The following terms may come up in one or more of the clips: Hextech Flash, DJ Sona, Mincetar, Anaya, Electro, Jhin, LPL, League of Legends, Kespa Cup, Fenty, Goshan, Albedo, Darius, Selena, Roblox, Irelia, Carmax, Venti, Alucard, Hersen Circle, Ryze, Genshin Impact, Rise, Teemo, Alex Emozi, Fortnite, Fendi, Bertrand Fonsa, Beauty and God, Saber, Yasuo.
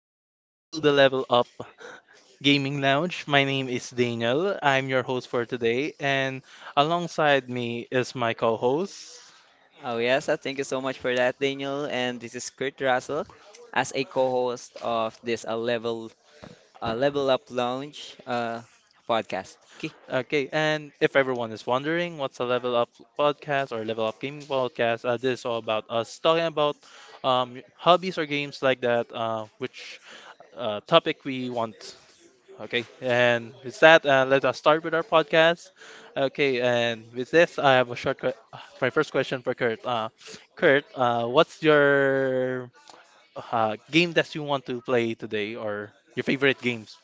Welcome to the Level Up Gaming Lounge. My name is Daniel. I'm your host for today, and alongside me is my co-host. Oh, yes, thank you so much for that, Daniel. And this is Kurt Russell as a co-host of this level level up lounge podcast. Okay. Okay, and if everyone is wondering what's a Level Up podcast or Level Up Gaming podcast, this is all about us talking about hobbies or games like that, which topic we want. Okay, and with that, let us start with our podcast. Okay, and with this, I have a short, my first question for Kurt. Kurt, what's your game that you want to play today, or your favorite games?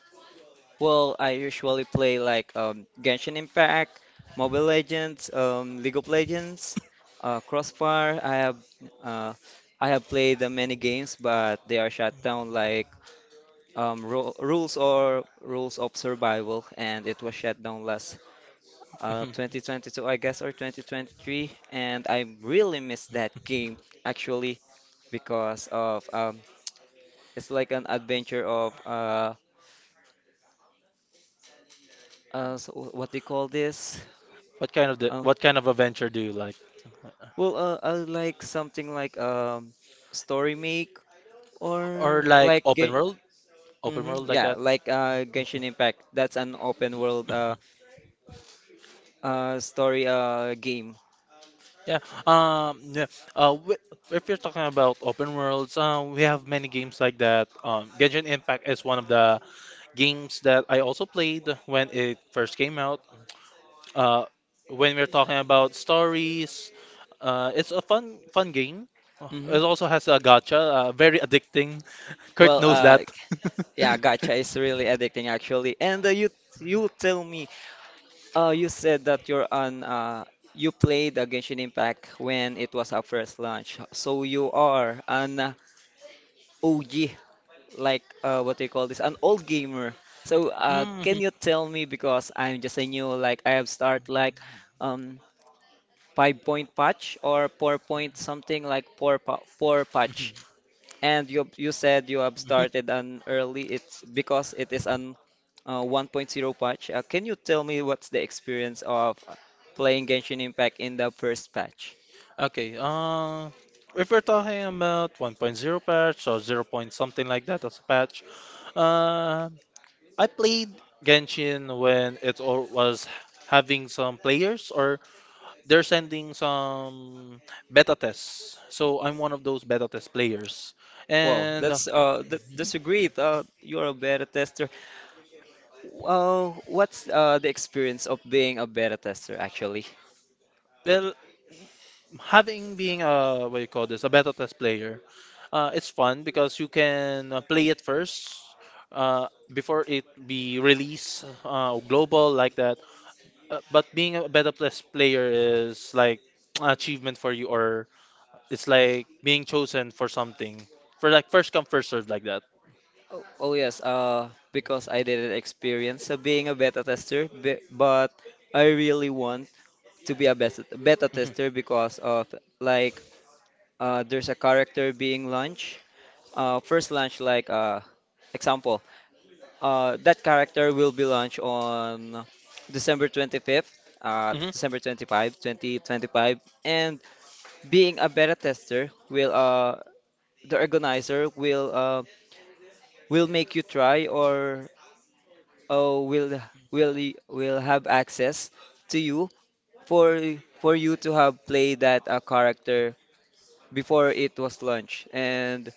Well, I usually play like Genshin Impact, Mobile Legends, League of Legends, Crossfire. Uh, I have played many games, but they are shut down like Rules or Rules of Survival, and it was shut down last Mhm. 2022, I guess, or 2023. And I really miss that game, actually, because of it's like an adventure of so what do you call this? What kind of Um, adventure do you like, I like something like story make or or like like Gen open world like. yeah, like Genshin Impact. That's an open world story game. Yeah. Yeah. Uh. wi- If you're talking about open worlds, we have many games like that. Genshin Impact is one of the games that I also played when it first came out. Uh, when we're talking about stories, it's a fun, fun game. Hmm. It also has a gacha, very addicting. Kurt Well, knows that. uh, yeah, gacha is really addicting actually. And you tell me. You said that you're on you played Genshin Impact when it was our first launch. So you are an OG, like what do you call this? An old gamer. So can Mhm. you tell me because I'm just a new like I have start like um 5.point patch or 4.point something like four patch. And you said you have Mhm. started an early. It's because it is an 1.0 patch. Can you tell me what's the experience of playing Genshin Impact in the first patch? Okay, if we're talking about 1.0 patch or 0 point something like that as a patch, uh, I played Genshin when it all was having some players or they're sending some beta tests. So I'm one of those beta test players. Wow, And that's great. You're a beta tester. What's the experience of being a beta tester actually? well, having being a what you call this, a beta test player, it's fun because you can play it first before it be released global like that. But being a beta plus player is like achievement for you, or it's like being chosen for something. For like first come first serve like that. Oh, oh yes, because I didn't experience being a beta tester, but I really want to be a beta hmm tester because of like there's a character being launched. First launch, like example, that character will be launched on December 25th, hmm December 25th, twenty 25, 2025, and being a beta tester will the organizer will make you try or uh, will will have access to you for you to have played that character before it was launched. And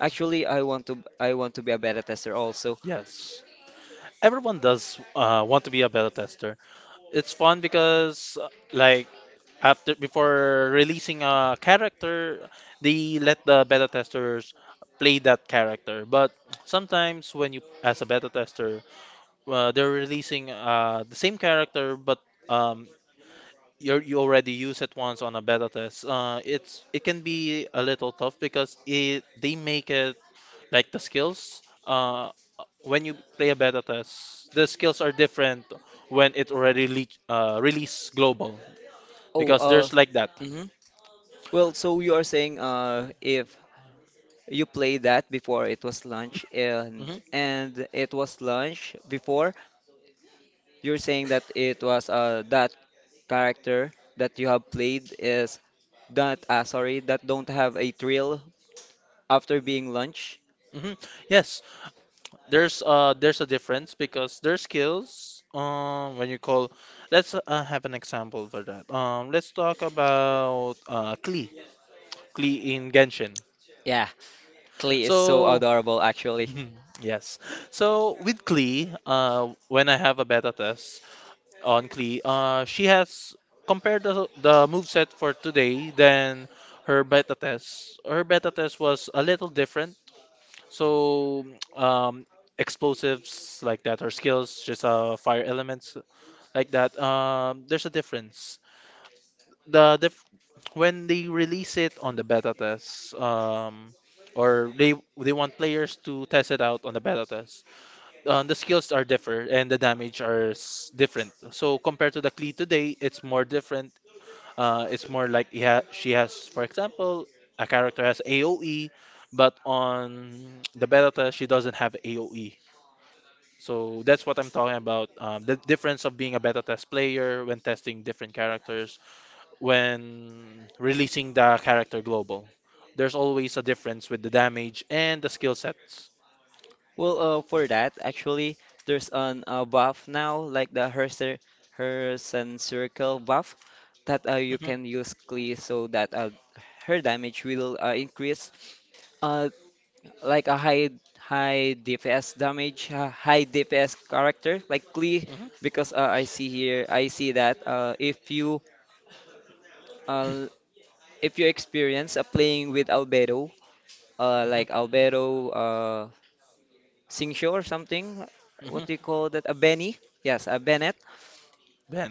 actually, I want to be a beta tester also. Yes. Everyone does want to be a beta tester. It's fun because like after before releasing a character, they let the beta testers play that character. But sometimes when you as a beta tester, they're releasing the same character but um, you already use it once on a beta test, it can be a little tough because it they make it like the skills. Uh, when you play a beta test, the skills are different when it's already released global Oh, because there's like that. mhm. Well, so you are saying if you play that before it was launched and hmm it was launched before, you're saying that it was that character that you have played is that sorry that don't have a thrill after being launched. hmm Yes, there's a difference because there's skills. When you call, let's have an example for that. Let's talk about Klee in Genshin. Yeah, Klee is so So. adorable actually. Mhm. Yes. So with Klee, when I have a beta test on Klee, she has compared the moveset for today than her beta test. Her beta test was a little different. So um, explosives like that, her skills, just fire elements like that. There's a difference. The dif when they release it on the beta test, or they want players to test it out on the beta test the skills are different and the damage are different. So compared to the Klee today, it's more different. It's more like she has, for example, a character has AOE, but on the beta test she doesn't have AOE. So that's what I'm talking about. The difference of being a beta test player when testing different characters, when releasing the character global. There's always a difference with the damage and the skill sets. Well, for that, actually, there's an buff now, like the Hersen Circle buff, that you Mhm, can use Klee so that her damage will increase. Uh, like a high DPS damage, high DPS character like Klee, mhm. because I see here, I see that uh, if you experience playing with Albedo, like Albedo, Singsho or something. What Mhm. do you call that? A Benny? Yes, a Bennett.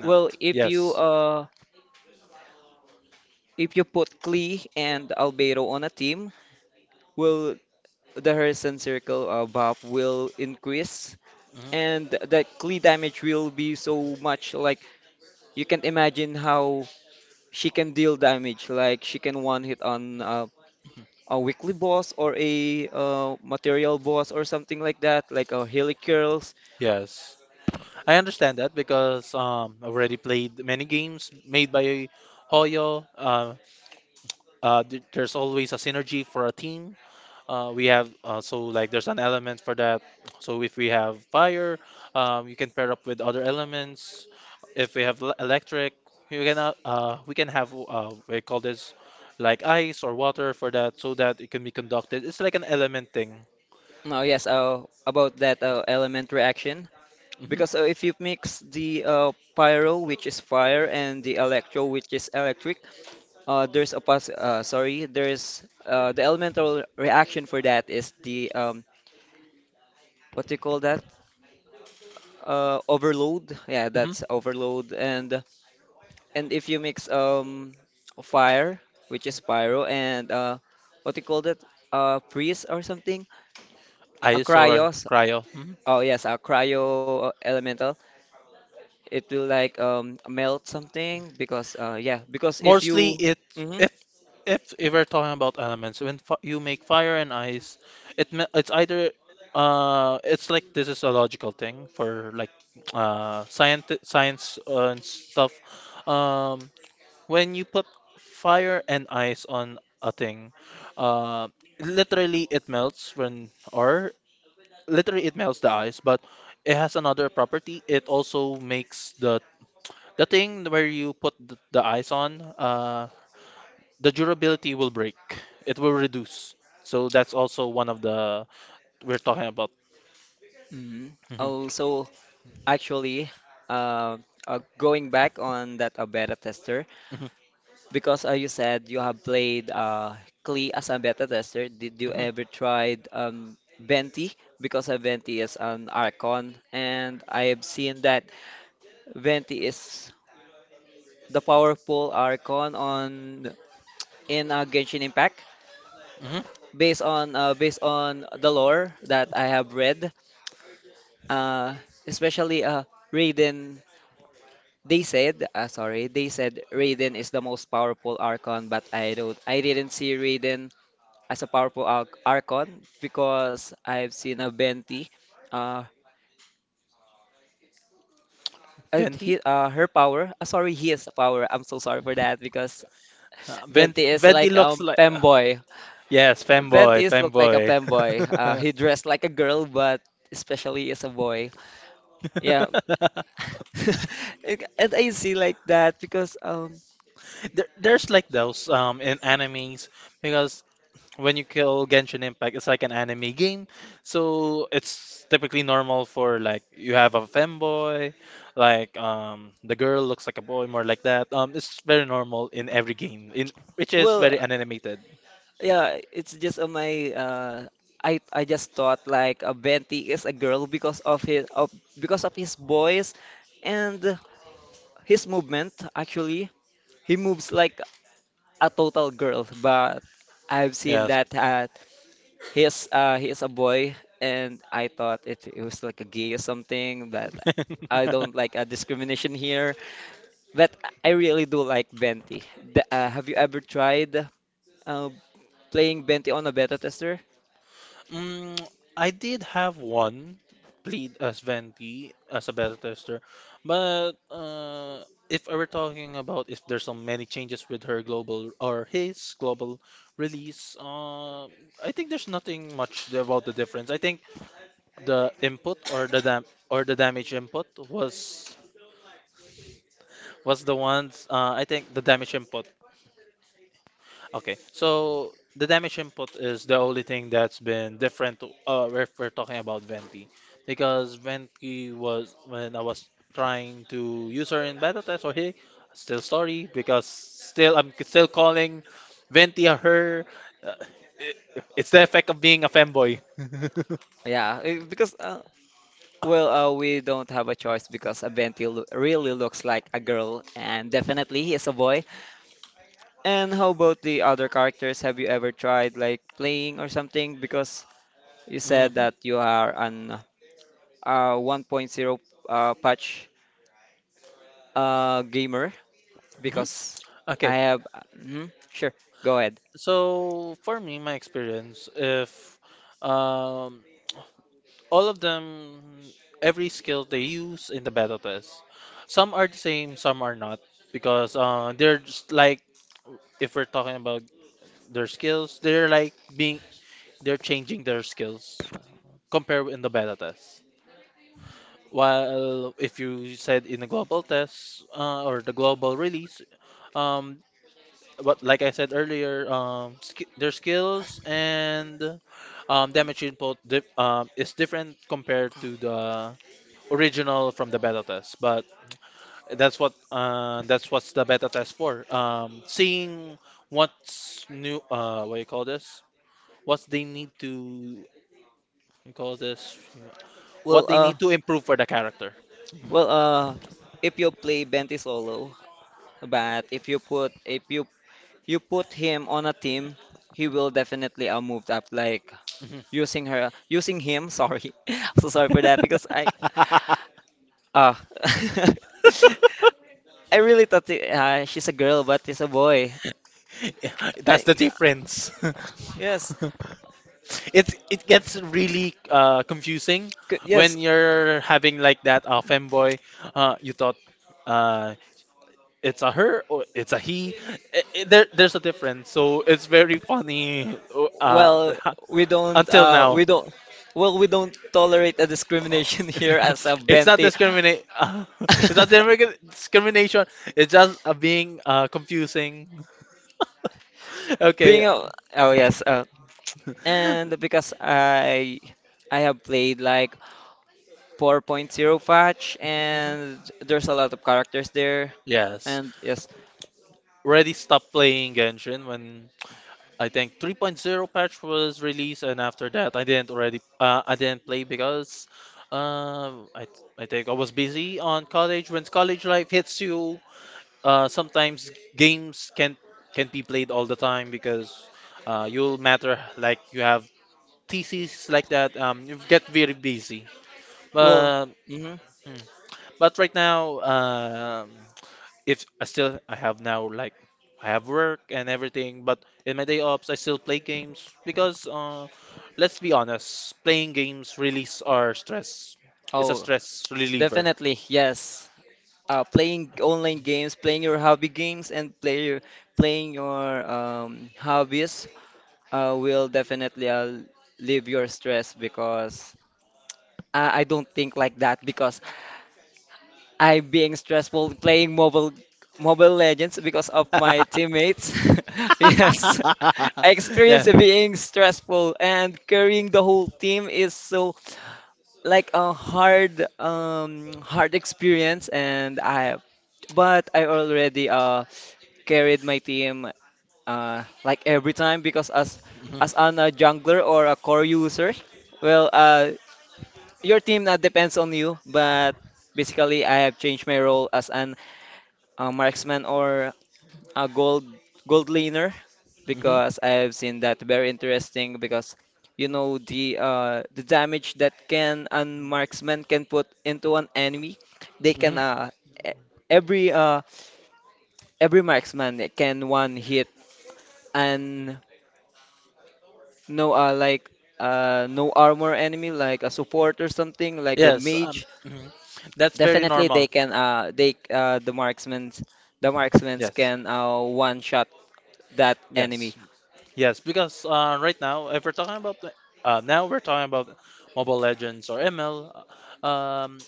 Well, Yes. If you put Klee and Albedo on a team, well, the Harrison Circle buff will increase Mhm. and the Klee damage will be so much like you can imagine how she can deal damage like she can one hit on a weekly boss or a material boss or something like that like a curls. Yes. I understand that because I already played many games made by Hoyo. There's always a synergy for a team. We have so like there's an element for that. So if we have fire, you can pair up with other elements. If we have electric, you can we can have we call this like ice or water for that so that it can be conducted. It's like an element thing. No, yes, about that element reaction. Because if you mix the pyro, which is fire, and the electro, which is electric, there's a pass. Sorry, there's the elemental reaction for that is the what do you call that? Overload. Yeah, Mhm. that's overload. And if you mix fire, which is pyro, and what do you call that? Freeze or something? A Ice or cryos. cryo. Mhm. Oh yes, a cryo elemental. It will like melt something because yeah because if Mostly you it mm-hmm, if if we're talking about elements, when fi you make fire and ice, it's either it's like this is a logical thing for like science and stuff. Um, when you put fire and ice on a thing, uh, literally it melts when or literally it melts the ice, but it has another property. It also makes the thing where you put the ice on, the durability will break. It will reduce. So that's also one of the we're talking about. mm-hmm. Mhm, Oh so actually, uh, going back on that beta tester mhm, because you said you have played Klee as a beta tester, did you mhm, ever tried Venti, because Venti is an Archon and I have seen that Venti is the powerful Archon on in Genshin Impact mhm. based on based on the lore that I have read, uh, especially Raiden. They said Raiden is the most powerful Archon, but I didn't see Raiden as a powerful Archon because I've seen a Venti. Uh, Venti? he, her power. Sorry, his power. I'm so sorry for that because Uh, Venti Venti, is Venti like looks like femboy. yes, Venti fanboy, is looked like a fanboy. femboy. He dressed like a girl, but especially as a boy. Yeah, like, and I see like that because there's like those in animes because when you kill Genshin Impact, it's like an anime game. So it's typically normal for like you have a femboy, like the girl looks like a boy, more like that. It's very normal in every game, in which is well very animated. yeah it's just on my I just thought like Benty is a girl because of his of because of his voice and his movement actually he moves like a total girl but I've seen Yes. that he's a boy and I thought it was like a gay or something but I don't like a discrimination here. But I really do like Venti. Have you ever tried uh, playing Venti on a beta tester? Mm, I did have one played as Venti as a beta tester, but if I we're talking about if there's so many changes with her global or his global release, I think there's nothing much about the difference. I think the input or the dam the damage input was the ones I think the damage input. Okay, so the damage input is the only thing that's been different to, if we're talking about Venti. Because Venti was when I was trying to use her in battle test or hey, still sorry because still I'm still calling Venti a her. Uh, it, it's the effect of being a femboy. Yeah, because we don't have a choice because a lo really looks like a girl, and definitely he is a boy. And how about the other characters? Have you ever tried like playing or something? Because you said Mhm, that you are an 1.0 patch gamer. mhm. Because Okay, I have, mhm, sure, go ahead. so for me, my experience, if um, all of them, every skill they use in the beta test. Some are the same, some are not, because they're just like if we're talking about their skills, they're like being they're changing their skills compared in the beta test. While if you said in the global test or the global release, um, what like I said earlier, their skills and damage input is different compared to the original from the beta test. But that's what's the beta test for. Seeing what's new. What you call this? What they need to you call this? Well, What they uh, need to improve for the character. Well, uh, if you play Benty solo, but if you you put him on a team, he will definitely move up. Like Mhm. using her, using him. Sorry, I'm so sorry for that because ah, I really thought she's a girl, but he's a boy. Uh, That's the difference. yes, It gets really confusing yes. when you're having like that femboy. You thought. Uh, it's a her or it's a he. There's a difference so it's very funny uh Well, until now. we don't we don't tolerate a Oh. discrimination here as a it's not Benti. discriminate it's not discrimination it's just being confusing. okay being a oh yes, mhm. and because I have played like 4.0 patch and there's a lot of characters there Yes, and yes already stopped playing Genshin when I think 3.0 patch was released, and after that, I didn't already I didn't play because I think I was busy on college. When college life hits you, sometimes games can't be played all the time because you'll matter like you have theses like that. You get very busy. well But mhm. hmm. but right now, if I still I have now like I have work and everything, but in my day offs I still play games because let's be honest, playing games release our stress. It's a Oh stress reliever. definitely yes, playing online games, playing your hobby games and playing your hobbies will definitely leave your stress because I don't think like that because I'm being stressful playing Mobile Legends because of my teammates. Yes. I Yeah. experience it being stressful and carrying the whole team is so like a hard experience, and I already carried my team like every time because as an a jungler or a core user, well uh your team now depends on you but basically I have changed my role as an a marksman or a gold laner hmm hmm because I've seen that very interesting because you know the damage that can and marksman can put into an enemy, they can hmm e- every uh every marksman can one hit and no uh like no armor enemy like a support or something like a Yes. Mage. Mhm. That's very Definitely normal. they can the marksmen Yes. can one shot that enemy. Yes. Yes. Because right now, if we're talking about now we're talking about Mobile Legends or ML. Um,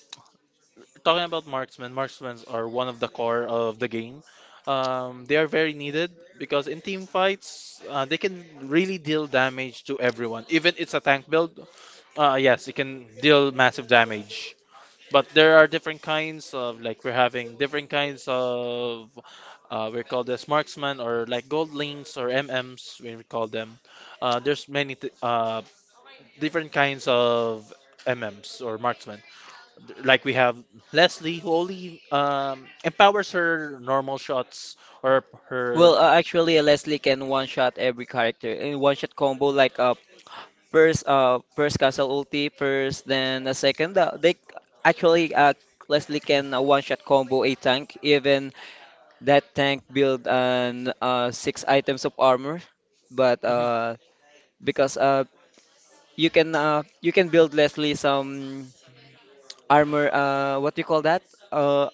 Talking about marksmen are one of the core of the game. They are very needed because in team fights, they can really deal damage to everyone. Even it's a tank build, yes, it can deal massive damage. But there are different kinds of like we're having different kinds of we call this marksmen or like gold links or MMs we call them. There's many different kinds of MMs or marksmen like we have Leslie who only empowers her normal shots or her. Well, Leslie can one-shot every character in one-shot combo, like first castle ulti, first, then a second. Actually, uh, Leslie can one-shot combo a tank, even that tank build an six items of armor. But Mhm, because you can build Leslie some armor. What do you call that? Uh,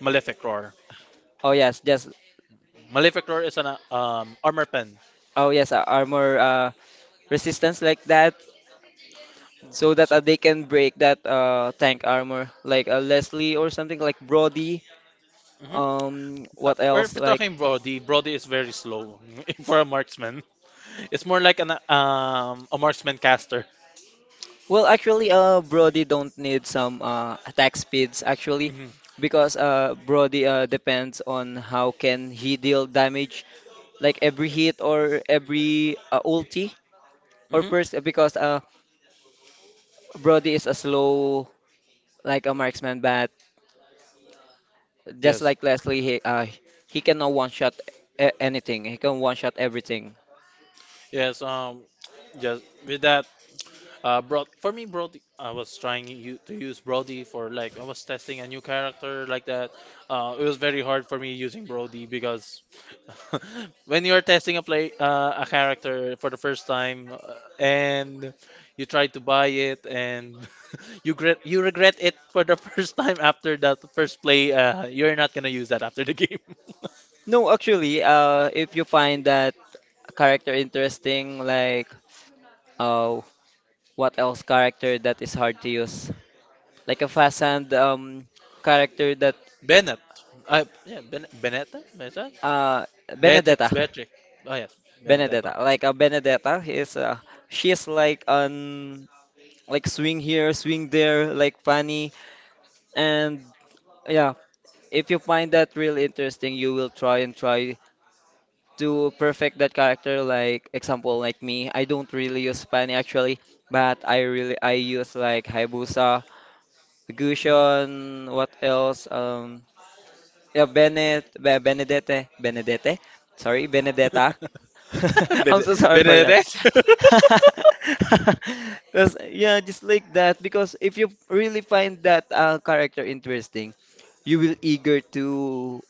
Malefic Roar. oh yes, just Malefic Roar is an armor pen. oh yes, armor resistance like that. So that they can break that tank armor, like Leslie or something like Brody. Mm-hmm. What Where else? if you're Like, talking Brody, Brody is very slow for a marksman. It's more like an a marksman caster. well, actually, Brody don't need some attack speeds actually, hmm because Brody depends on how can he deal damage, like every hit or every ulti or hmm burst, because Brody is a slow like a marksman, but just Yes, like Leslie, he cannot one shot anything. He can one shot everything. yes, yes. With that, for me, Brody, I was trying you to use Brody for like I was testing a new character like that. It was very hard for me using Brody because when you're testing a character for the first time and you try to buy it and you regret it for the first time after that first play, you're not gonna use that after the game. No, actually, if you find that character interesting, like uh, what else character that is hard to use? Like a Fazan character that Bennett, yeah, Benetta, Benetta, uh Benedetta, Beatrix, Beatrix. Oh yes, Benedetta. Benedetta, like a Benedetta is she is like on like swing here, swing there, like funny, and yeah, if you find that really interesting, you will try and try to perfect that character like example like me, I don't really use pani actually, but I really I use like Hayabusa, Gushon, what else, yeah, benet Be- benedete benedete sorry, Benedetta. I'm so sorry for that. Benedete? Because, yeah, just like that, because if you really find that character interesting, you will eager to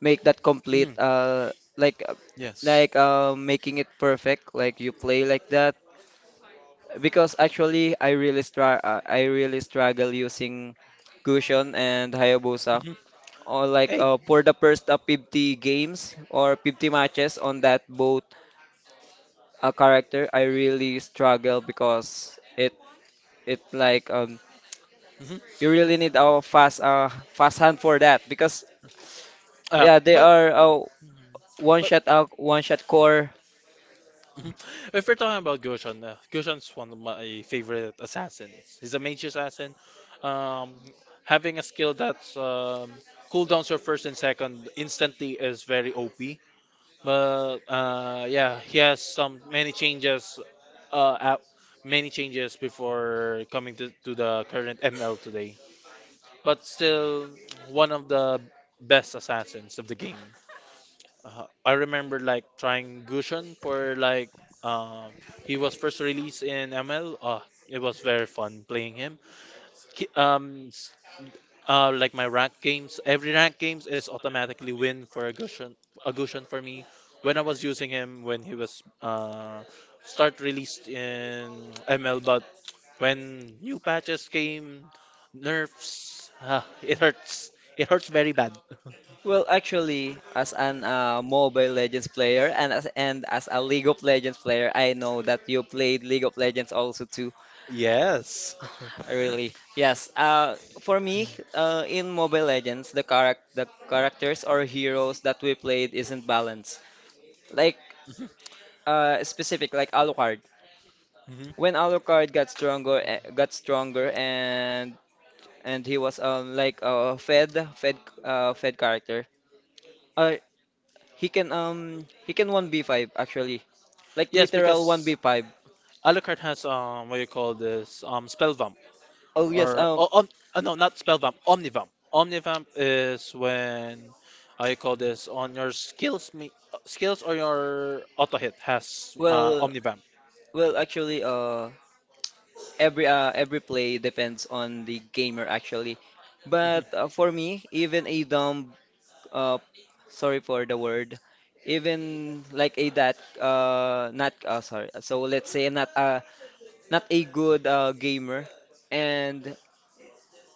make that complete Mhm, uh like uh, yes. like uh making it perfect like you play like that. Because actually I really stra I really struggle using Gushion and Hayabusa Hmm. or like Hey. For the first 50 games or 50 matches on that both character. I really struggle because it like hmm you really need a fast hand for that because yeah, they but are mhm. one shot out, one shot core. If we're talking about Goshan, Goshan's one of my favorite assassins. He's a mage assassin. Um, having a skill that cooldowns your first and second instantly is very OP. But yeah, he has some many changes uh, app, many changes before coming to the current ML today. But still one of the best assassins of the game. I remember like trying Gushun for like um he was first released in ML. It was very fun playing him. Ki- Um, s- like my rank games, every rank games is automatically win for a Gushun for me. When I was using him when he was start released in ML. But when new patches came, nerfs, ah, it hurts. It hurts very bad. Well, actually, as an Mobile Legends player and as a League of Legends player, I know that you played League of Legends also too. Yes. Really, yes. For me, in Mobile Legends, the characters or heroes that we played isn't balanced. Like specific, like Alucard. Mhm. When Alucard got stronger, eh, got stronger, and he was like a fed character. Uh, he can he can 1v5 actually. Like Yes, literal because 1v5. Alucard has what you call this, spell vamp Oh yes, or oh, no, not spell vamp, omnivamp. Omnivamp is when, how you call this, on your skills me skills or your auto hit has well omnivamp. well actually, every play depends on the gamer actually. But for me, even a dumb, uh sorry for the word, even like a that not sorry. So let's say not not a good gamer, and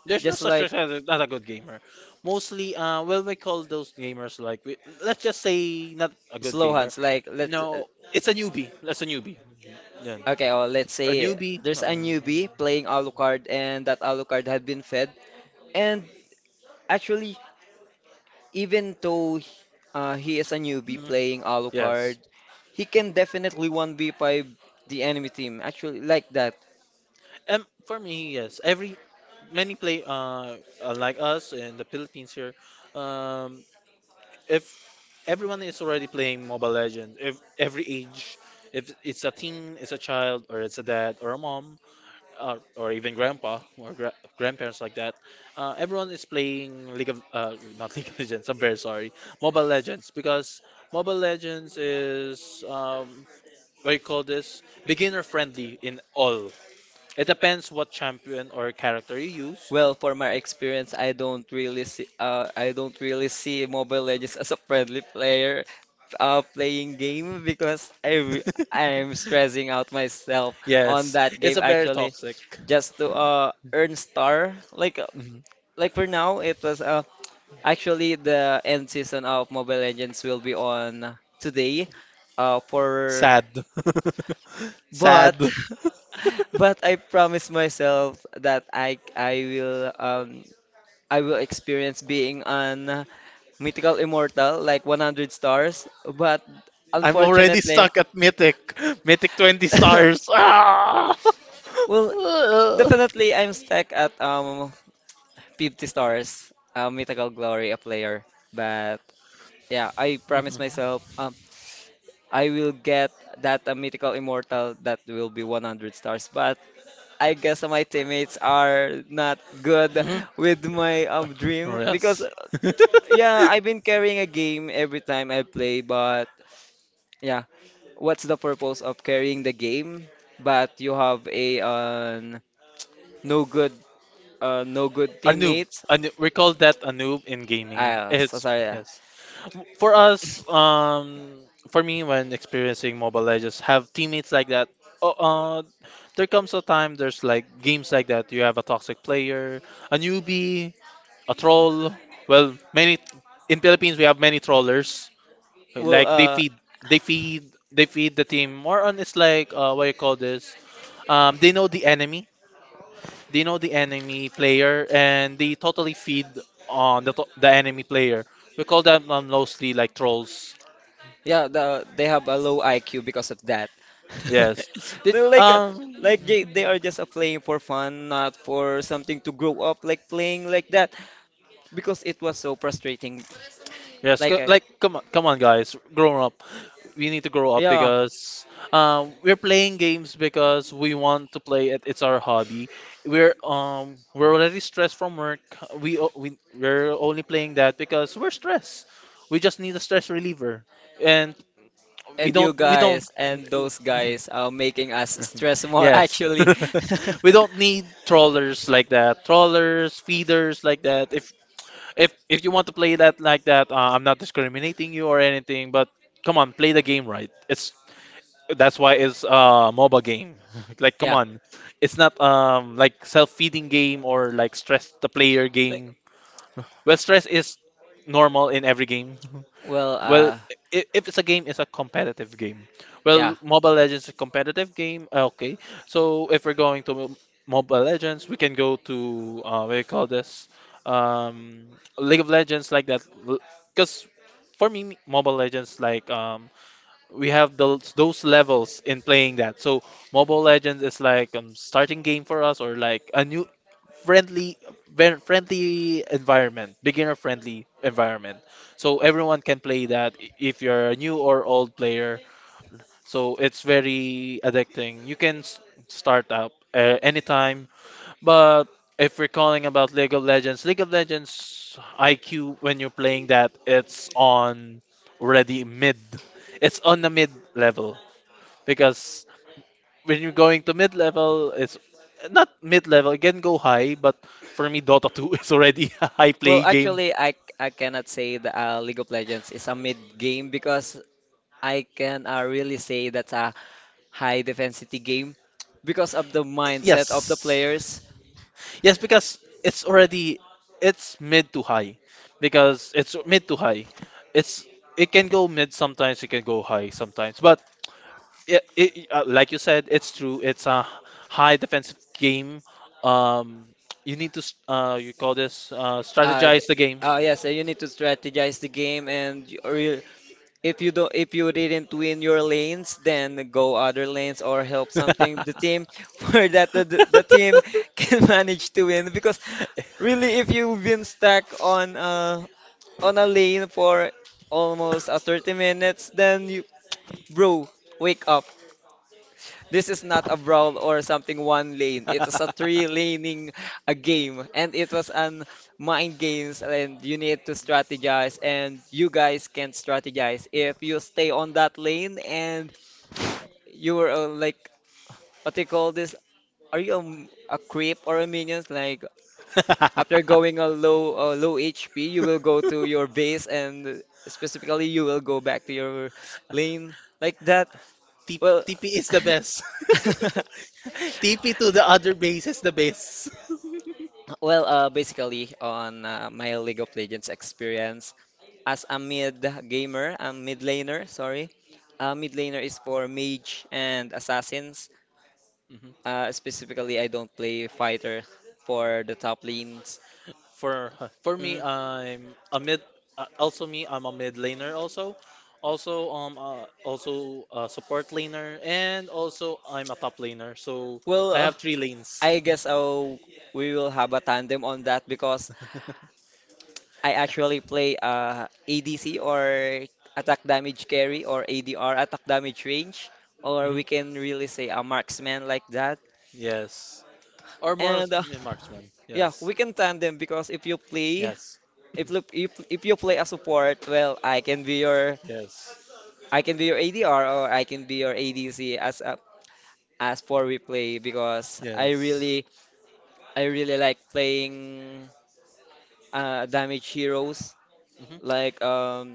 There's no just such like thing as a good gamer. Mostly, well, we call those gamers like let's just say not a good slow gamer. hands like let, No, it's a newbie. That's a newbie. Yeah, okay, or let's a say newbie. there's a newbie playing Alucard and that Alucard had been fed. And actually, even though he is a newbie Mhm, playing Alucard, yes. he can definitely 1v5 the enemy team. Actually, like that. For me, yes. Every many play like us in the Philippines here. Um, if everyone is already playing Mobile Legends, if every age, if it's a teen, it's a child, or it's a dad or a mom, or even grandpa or grandparents like that, everyone is playing League of not League of Legends. I'm very sorry, Mobile Legends, because Mobile Legends is what you call this, beginner friendly in all. It depends what champion or character you use. Well, for my experience, I don't really see I don't really see Mobile Legends as a friendly player, playing game, because I am stressing out myself on Yes, that game it's a very actually, toxic. just to earn star. Like for now it was, actually, the end season of Mobile Legends will be on today. For Sad. but Sad. but I promise myself that I will I will experience being an mythical immortal like 100 stars. But I'm already unfortunately, stuck at Mythic. Mythic 20 stars. Ah! well, definitely I'm stuck at 50 stars, mythical glory, a player. But yeah, I Mhm. promise myself, I will get that a mythical immortal that will be 100 stars. But I guess my teammates are not good Mhm. with my dream, Oh, because, yes. Yeah, I've been carrying a game every time I play. But yeah, what's the purpose of carrying the game? But you have a no good, no good A noob. teammates. A noob. We call that a noob in gaming. Ah, so It's sorry. Yeah. yes. For us, for me, when experiencing Mobile Legends, have teammates like that. Oh, there comes a time there's like games like that. You have a toxic player, a newbie, a troll. Well, many in Philippines we have many trollers. Well, Like uh, they feed the team. More on it's like what you call this. They know the enemy. They know the enemy player, and they totally feed on the the enemy player. We call them mostly like trolls. Yeah, they have a low IQ because of that. Yes. Did They're like a, like they are just a playing for fun, not for something to grow up, like playing like that, because it was so frustrating. Yes, Like I, like come on, come on guys, grow up. We need to grow up yeah, because we're playing games because we want to play it. It's our hobby. We're already stressed from work. We o- we we're only playing that because we're stressed. We just need a stress reliever. And and you we don't. guys and those guys are making us stress more Yes. actually. We don't need trawlers like that. Trawlers, feeders like that. If if you want to play that like that, I'm not discriminating you or anything, but come on, play the game right. It's that's why it's a MOBA game. Like come Yeah, on, it's not like self-feeding game or like stress the player like, game. Well, stress is normal in every game. well, Well, uh, if it's a game, it's a competitive game. yeah. Well, Mobile Legends is a competitive game. Okay, so if we're going to Mobile Legends, we can go to what do you call this? Um, League of Legends, like that. Because for me, Mobile Legends like we have those levels in playing that. So Mobile Legends is like starting game for us or like a new friendly friendly environment, beginner friendly environment. So everyone can play that if you're a new or old player. So it's very addicting. You can start up anytime. But if we're calling about League of Legends IQ when you're playing that, it's on already mid. It's on the mid level because when you're going to mid level, it's not mid level. It can go high, but for me, Dota 2 is already a high play Well, game. actually, I cannot say that League of Legends is a mid game, because I can really say that's a high defensity game because of the mindset of the Yes. players. Yes, because it's already it's mid to high. Because it's mid to high. It's it can go mid sometimes, it can go high sometimes. But yeah, like you said, it's true. It's a high defensive game. Um, you need to, you call this, Uh, th- strategize the game. Yes, you need to strategize the game, and you, or you, if you don't, if you didn't win your lanes, then go other lanes or help something the team where that the team can manage to win. Because really, if you've been stuck on on a lane for almost 30 minutes, then you, bro, wake up. This is not a brawl or something one lane. It is a three laning a game, and it was an mind games, and you need to strategize, and you guys can strategize. If you stay on that lane and you were like, what they call this? Are you a creep or a minions? Like after going a low low HP, you will go to your base, and specifically you will go back to your lane like that. T- Well. TP is the best. TP to the other base is the best. Well, basically, on my League of Legends experience, as a mid gamer, a mid laner, sorry, mid laner is for mage and assassins. Specifically, I don't play fighter for the top lanes. For for me, Mm. I'm a mid. Also me, I'm a mid laner. Also also a support laner, and also I'm a top laner. So Well, I have three lanes. I guess we will have a tandem on that, because I actually play ADC or attack damage carry, or ADR attack damage range, or Mhm. we can really say a marksman like that. Yes, or more And marksman. yeah, Yes, we can tandem because if you play, yes, if you, if you play a support, well, I can be your, yes, I can be your ADR, or I can be your ADC as a, as for replay, because I yes. really I really like playing damage heroes hmm like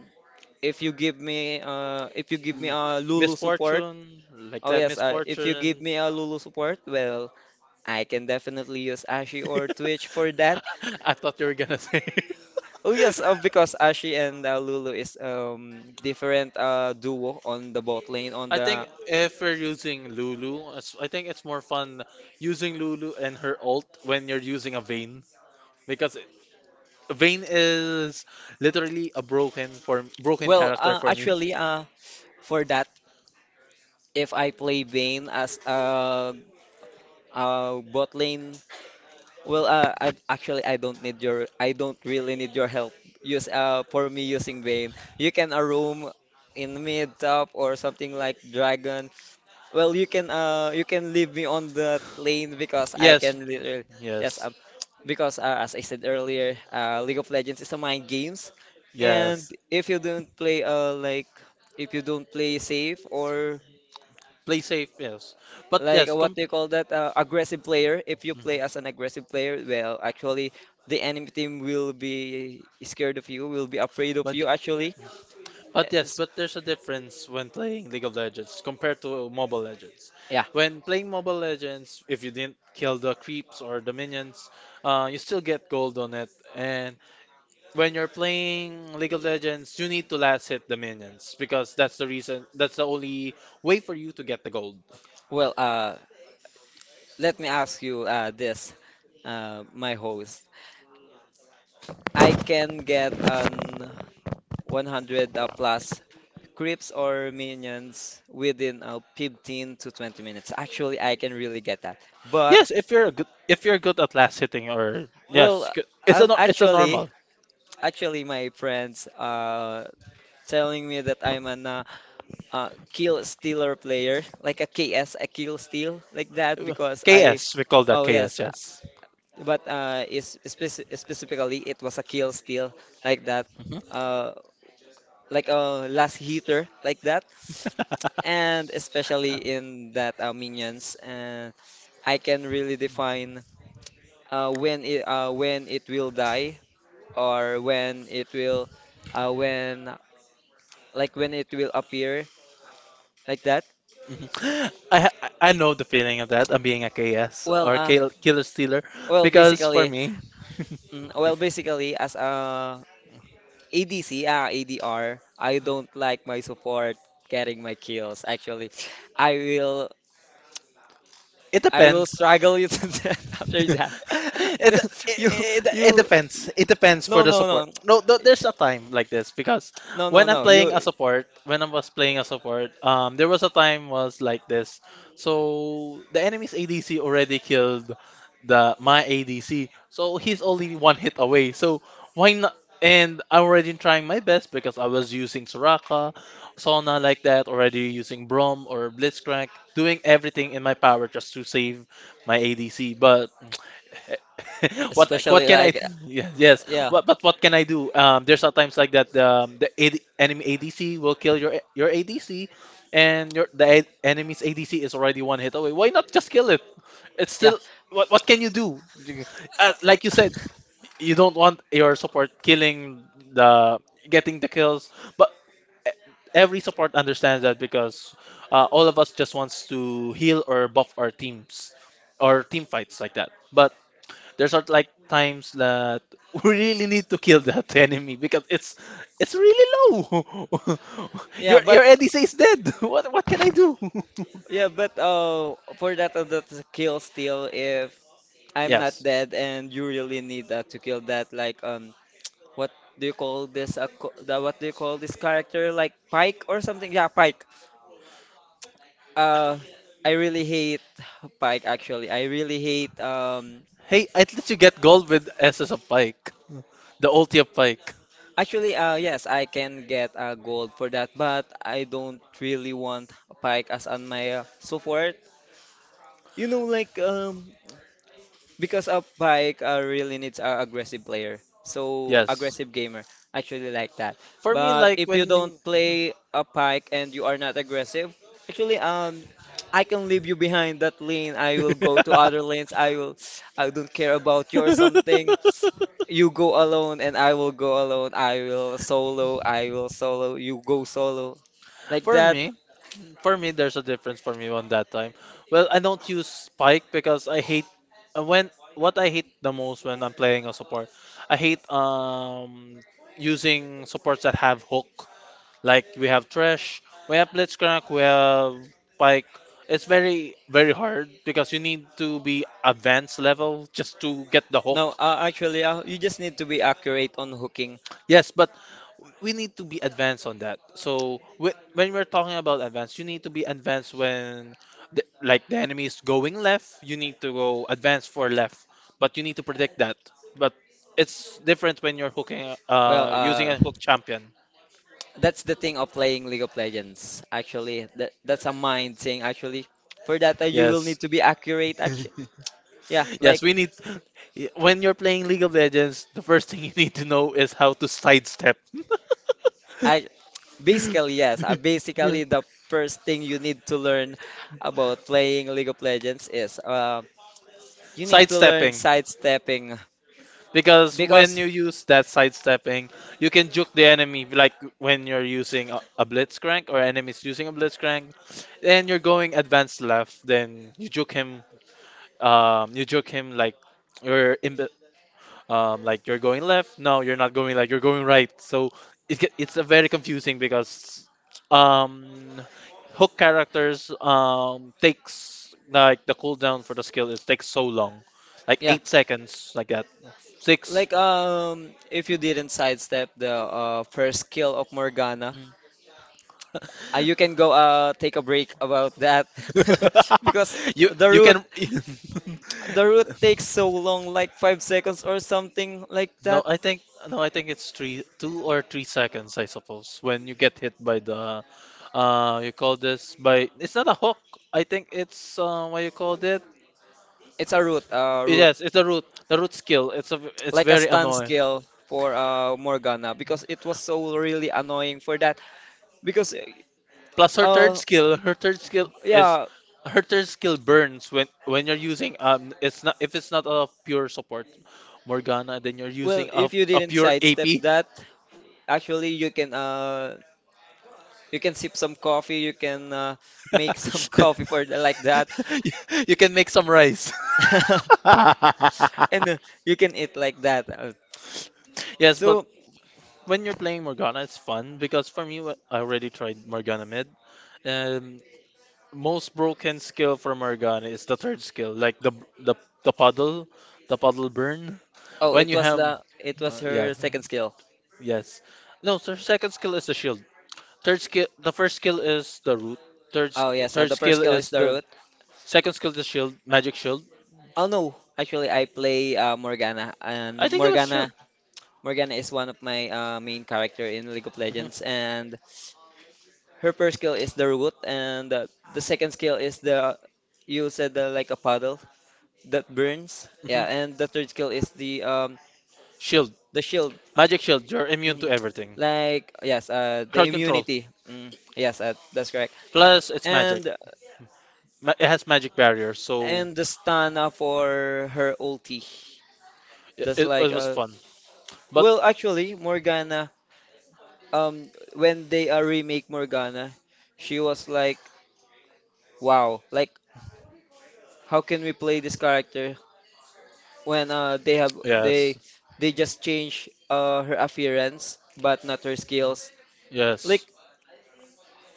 if you give me Mm. a Lulu support, Misfortune, like oh that, yes, if you give misfortune. me a Lulu support, well, I can definitely use Ashi or Twitch for that. I thought you were gonna say. Oh yes, because Ashi and Lulu is different duo on the bot lane on I the. think if we're using Lulu, it's- I think it's more fun using Lulu and her ult when you're using a Vayne because it- Vayne is literally a broken, for broken Well, character for me. actually, for that, if I play Vayne as a bot lane, well, I actually I don't need your, I don't really need your help. Use for me using Vayne, you can a roam in mid top or something like dragon. Well, you can leave me on that lane because I Yes, can literally, yes, yes, because as I said earlier, League of Legends is a mind games, and yes. if you don't play like, if you don't play safe, or Play safe, yes. But like yes, what do you call that, aggressive player, if you play as an Mhm. aggressive player, well, actually the enemy team will be scared of you, will be afraid of but you actually. But yes, Yes. but there's a difference when playing League of Legends compared to Mobile Legends. Yeah, When playing Mobile Legends, if you didn't kill the creeps or the minions, you still get gold on it. And when you're playing League of Legends, you need to last hit the minions because that's the reason. That's the only way for you to get the gold. well uh let me ask you this, my host, I can get an 100 plus creeps or minions within 15 to 20 minutes, actually I can really get that, but Yes, if you're good at last hitting, or well, yes, it's a it's a actually, normal actually, my friends are telling me that I'm an kill stealer player, like a KS, a kill steal, like that, because I, KS. We call that oh KS. yes, Yes. but is specifically it was a kill steal, like that, Mhm. uh, like a last hitter, like that, and especially in that minions, and I can really define when it will die, or when it will when, like when it will appear like that. Mhm. I know the feeling of that. I'm being a KS well or uh killer stealer well because for basically, me. mm, well basically as a ADC ADR, I don't like my support getting my kills actually. I will It I will depends. struggle you to death after it, that. No, it, you it it you depends. It depends for no the no support. no No, no, there's a time like this because no no no you, when I was playing a support, there was a time was like this. So the enemy's ADC already killed the my ADC, so he's only one hit away. So why not? And I'm already trying my best because I was using Soraka, Sona like that, already using Brom or Blitzcrank, doing everything in my power just to save my ADC. But what especially can I? like, yes. yeah, What, but what can I do? There's sometimes like that. Enemy ADC will kill your ADC, and enemy's ADC is already one hit away. Why not just kill it? It's yeah, still what can you do? Like you said, you don't want your support killing the getting the kills, but every support understands that because all of us just wants to heal or buff our teams or team fights like that. But there's are like times that we really need to kill that enemy because it's really low. yeah but, your ADC is dead. What can I do? yeah, but for that, that's a kill steal. If I'm not Yes. dead and you really need that to kill that, like what do you call this? What do you call this character? Like Pike or something? Yeah, Pike. Uh, I really hate Pike. Actually, I really hate. Hey, at least you get gold with S SS of Pike, the ulti of Pike. Actually, yes, I can get gold for that, but I don't really want Pike as on my support. You know, like because a bike really needs a aggressive player. So Yes. aggressive gamer. I actually like that. For me, But like if you don't when. play a pike and you are not aggressive, actually I can leave you behind that lane. I will go to other lanes. I will, I don't care about you or something. You go alone and I will go alone. I will solo. I will solo. You go solo. Like For that. me, For me, there's a difference for me on that time. Well, I don't use spike because I hate when what I hate the most when I'm playing a support. I hate using supports that have hook. Like we have Thresh, we have Blitzcrank, we have Pike. It's very very hard because you need to be advanced level just to get the hook. No, actually, you just need to be accurate on hooking. Yes, but we need to be advanced on that. So when we're talking about advanced, you need to be advanced when like the enemy is going left, you need to go advance for left, but you need to predict that. But it's different when you're hooking Well, using a hook champion. that's the thing of playing League of Legends. Actually, that's a mind thing. Actually, for that you will Yes. need to be accurate. Actually, yeah, Yes, like we need when you're playing League of Legends, the first thing you need to know is how to sidestep. I basically yes. Basically, the first thing you need to learn about playing League of Legends is you need to learn Sidestepping. sidestepping Because when because, you use that sidestepping, you can juke the enemy like when you're using a blitzcrank or enemies using a blitzcrank, and you're going advanced left, then you juke him like you're in like you're going left. No, you're not going, like you're going right. So it get, it's a very confusing because um hook characters takes like the cooldown for the skill is takes so long. Like yeah. 8 seconds like that. 6 Like if you didn't sidestep the first kill of Morgana, Mm. You can go take a break about that because you the you route can. the route takes so long, like 5 seconds or something like No, that. I think it's three 2 or 3 seconds, I suppose, when you get hit by the you call this by, it's not a hook. I think it's, what you called it. It's a route, Yes, it's a root, the root skill. It's a it's like a very stun annoying. skill for Morgana, because it was so really annoying for that because Plus uh her third skill is yeah. her third skill burns when you're using it's not a pure support Morgana, then you're Well, using a, if you a didn't pure sidestep AP. you that, actually you can sip some coffee, you can make some coffee for the, like that. you can make some rice. And you can eat like that. Yes, but So, when you're playing Morgana, it's fun because, for me, I already tried Morgana mid. Um, most broken skill for Morgana is the third skill, like the the puddle, the puddle burn. oh, When it you was, have, the it was yeah, her second skill. yes. No, so second skill is the shield. Third skill — the first skill is the root. Third, Oh sk- yes, third the first skill skill is is the the root. second skill is the shield, magic shield. Oh no, actually I play Morgana, I and think that was shield. Morgana is one of my main character in League of Hmm. Legends, and her first skill is the root, and the second skill is the, you said the, like a puddle that burns. Yeah, Hmm. and the third skill is Shield, the shield. magic shield. You're immune to Mhm. everything. Like yes, the Crowd control. immunity. Yes, that's correct. Plus, it's magic. And It has magic barrier, so and the stana for her ulti. it, That's it, like it was fun. But well actually Morgana, um when they remake Morgana, she was like, wow, like how can we play this character when they have they yes, they just change her appearance but not her skills. Like yes.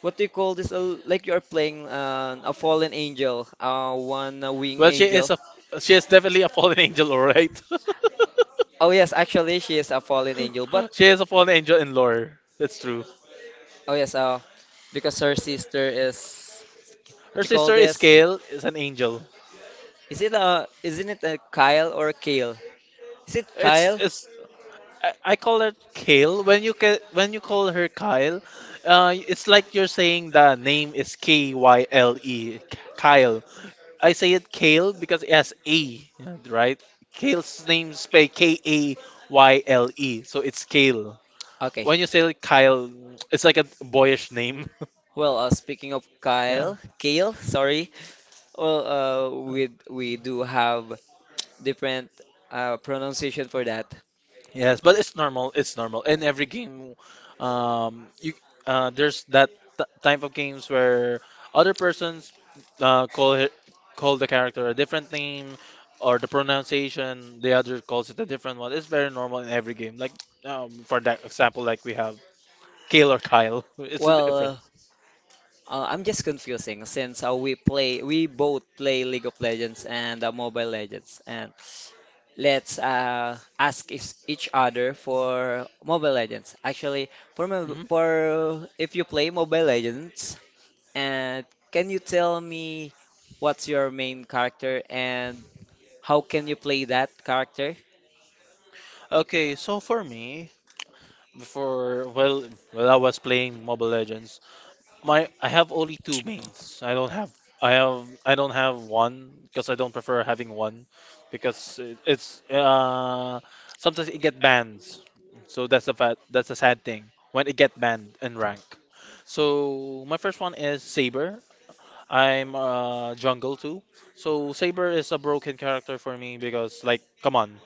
what do you call this? Like you are playing a fallen angel, one wing Well, angel. She is definitely a fallen angel, all right. Oh yes, actually she is a fallen angel, but She is a fallen angel in lore. That's true. oh yes, because her sister is, what Her do you call sister is this? Kale, is an angel. Is it a isn't it a Kyle or a Kale? Is it Kyle? It's I call her Kale. When when you call her Kyle, it's like you're saying the name is Kyle, Kyle. I say it Kale because it has A, yeah, right? Kale's name spelled Kayle, so it's Kale. Okay. When you say like Kyle, it's like a boyish name. Well, speaking of Yeah. Kyle, Kale, sorry. Well, we do have different pronunciation for that. Yes, but it's normal. It's normal in every game. You there's that type of games where other persons call it, call the character a different name, or the pronunciation. The other calls it a different one. It's very normal in every game. Like, for that example, like we have Kale or Kyle. It's a Well, difference. I'm just confusing since we both play League of Legends and Mobile Legends, and let's ask each other for Mobile Legends. Actually, for mo- Hmm. for if you play Mobile Legends, and can you tell me what's your main character and how can you play that character? Okay, so for me, before well, while I was playing Mobile Legends, my I have only two mains. I don't have — one because I don't prefer having one, because it, it's sometimes it get banned. So that's a fat that's a sad thing when it get banned in rank. So my first one is Saber. I'm jungle too. So Saber is a broken character for me because, like, come on,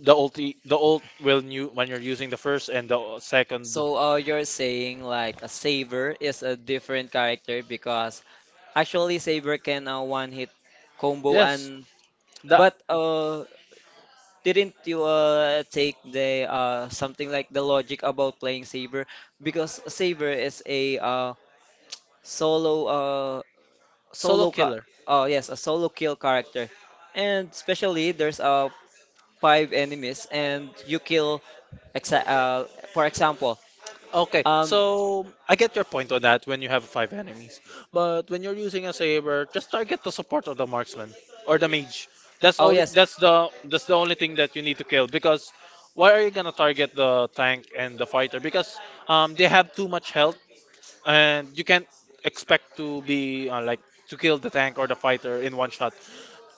the ult will new when you're using the first and the second. So, you're saying like a Saber is a different character because actually Saber can one hit combo, Yes, and the but didn't you take the something like the logic about playing Saber, because Saber is a solo solo solo ca killer. oh yes, a solo kill character, and especially there's five enemies and you kill exa for example. Okay, um so I get your point on that when you have five enemies. But when you're using a Saber, just target the support, of the marksman, or the mage. Oh yes, That's the only thing that you need to kill, because why are you gonna target the tank and the fighter? Because they have too much health and you can't expect to be like, to kill the tank or the fighter in one shot.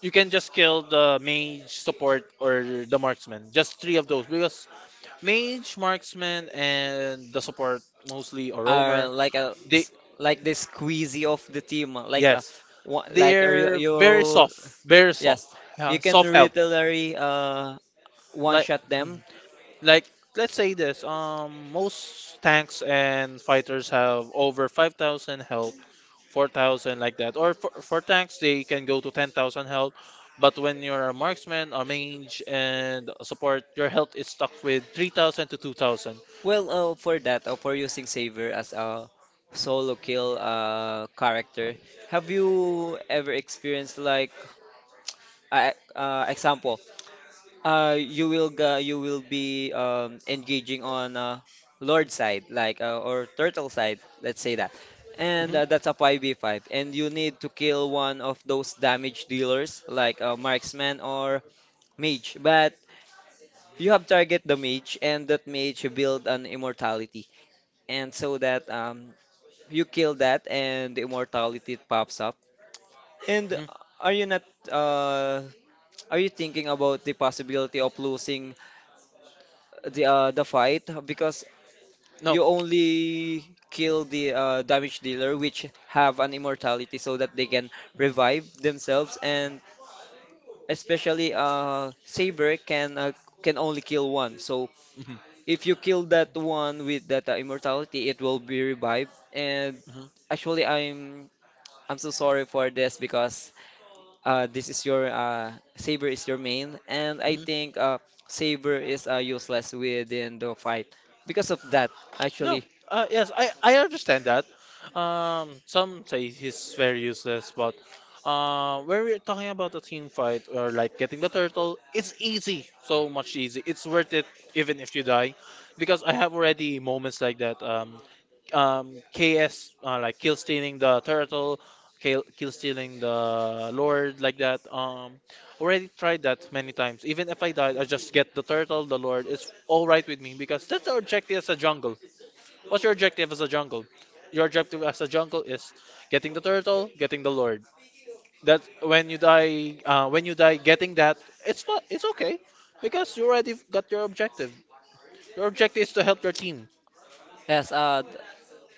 You can just kill the mage, support, or the marksman. Just three of those, because mage, marksman, and the support, mostly, or are roamer. like They like the squeezy of the team, like a yes, like a, they're very soft, yes, you yeah, can soft health. literally one Like shot hmm. them. Like, let's say this, most tanks and fighters have over 5,000 health, 4,000 like that. Or for, tanks, they can go to 10,000 health. But when you're a marksman, a mage, and a support, your health is stuck with 3,000 to 2,000. Well, for that, for using Saver as a solo kill character, have you ever experienced like example? You will ga you will be engaging on Lord side, like or turtle side, let's say that, and Hmm. That's a 5v5, and you need to kill one of those damage dealers, like marksman or mage. But you have target the mage, and that mage build an immortality, and so that, you kill that, and the immortality pops up. And Hmm. are you not uh, are you thinking about the possibility of losing the fight, because No. you only kill the damage dealer which have an immortality so that they can revive Hmm. themselves. And especially Saber can only kill one, so Hmm. if you kill that one with that immortality, it will be revived. And actually, I'm so sorry for this because this is your saber is your main, and I Hmm. think saber is useless within the fight because of that. No, Actually, yes, I understand that. Some say he's very useless, but, when we're talking about a team fight, or like getting the turtle, it's easy, so much easy. It's worth it even if you die, because I have already moments like that. KS, like, kill stealing the turtle, kill stealing the lord, like that. Already tried that many times. Even if I died, I just get the turtle, the lord. It's all right with me because that's our objective as a jungle. What's your objective as a jungle? Your objective as a jungle is getting the turtle, getting the lord. That when you die, getting that, it's fun, it's okay, because you already got your objective. Your objective is to help your team. yes,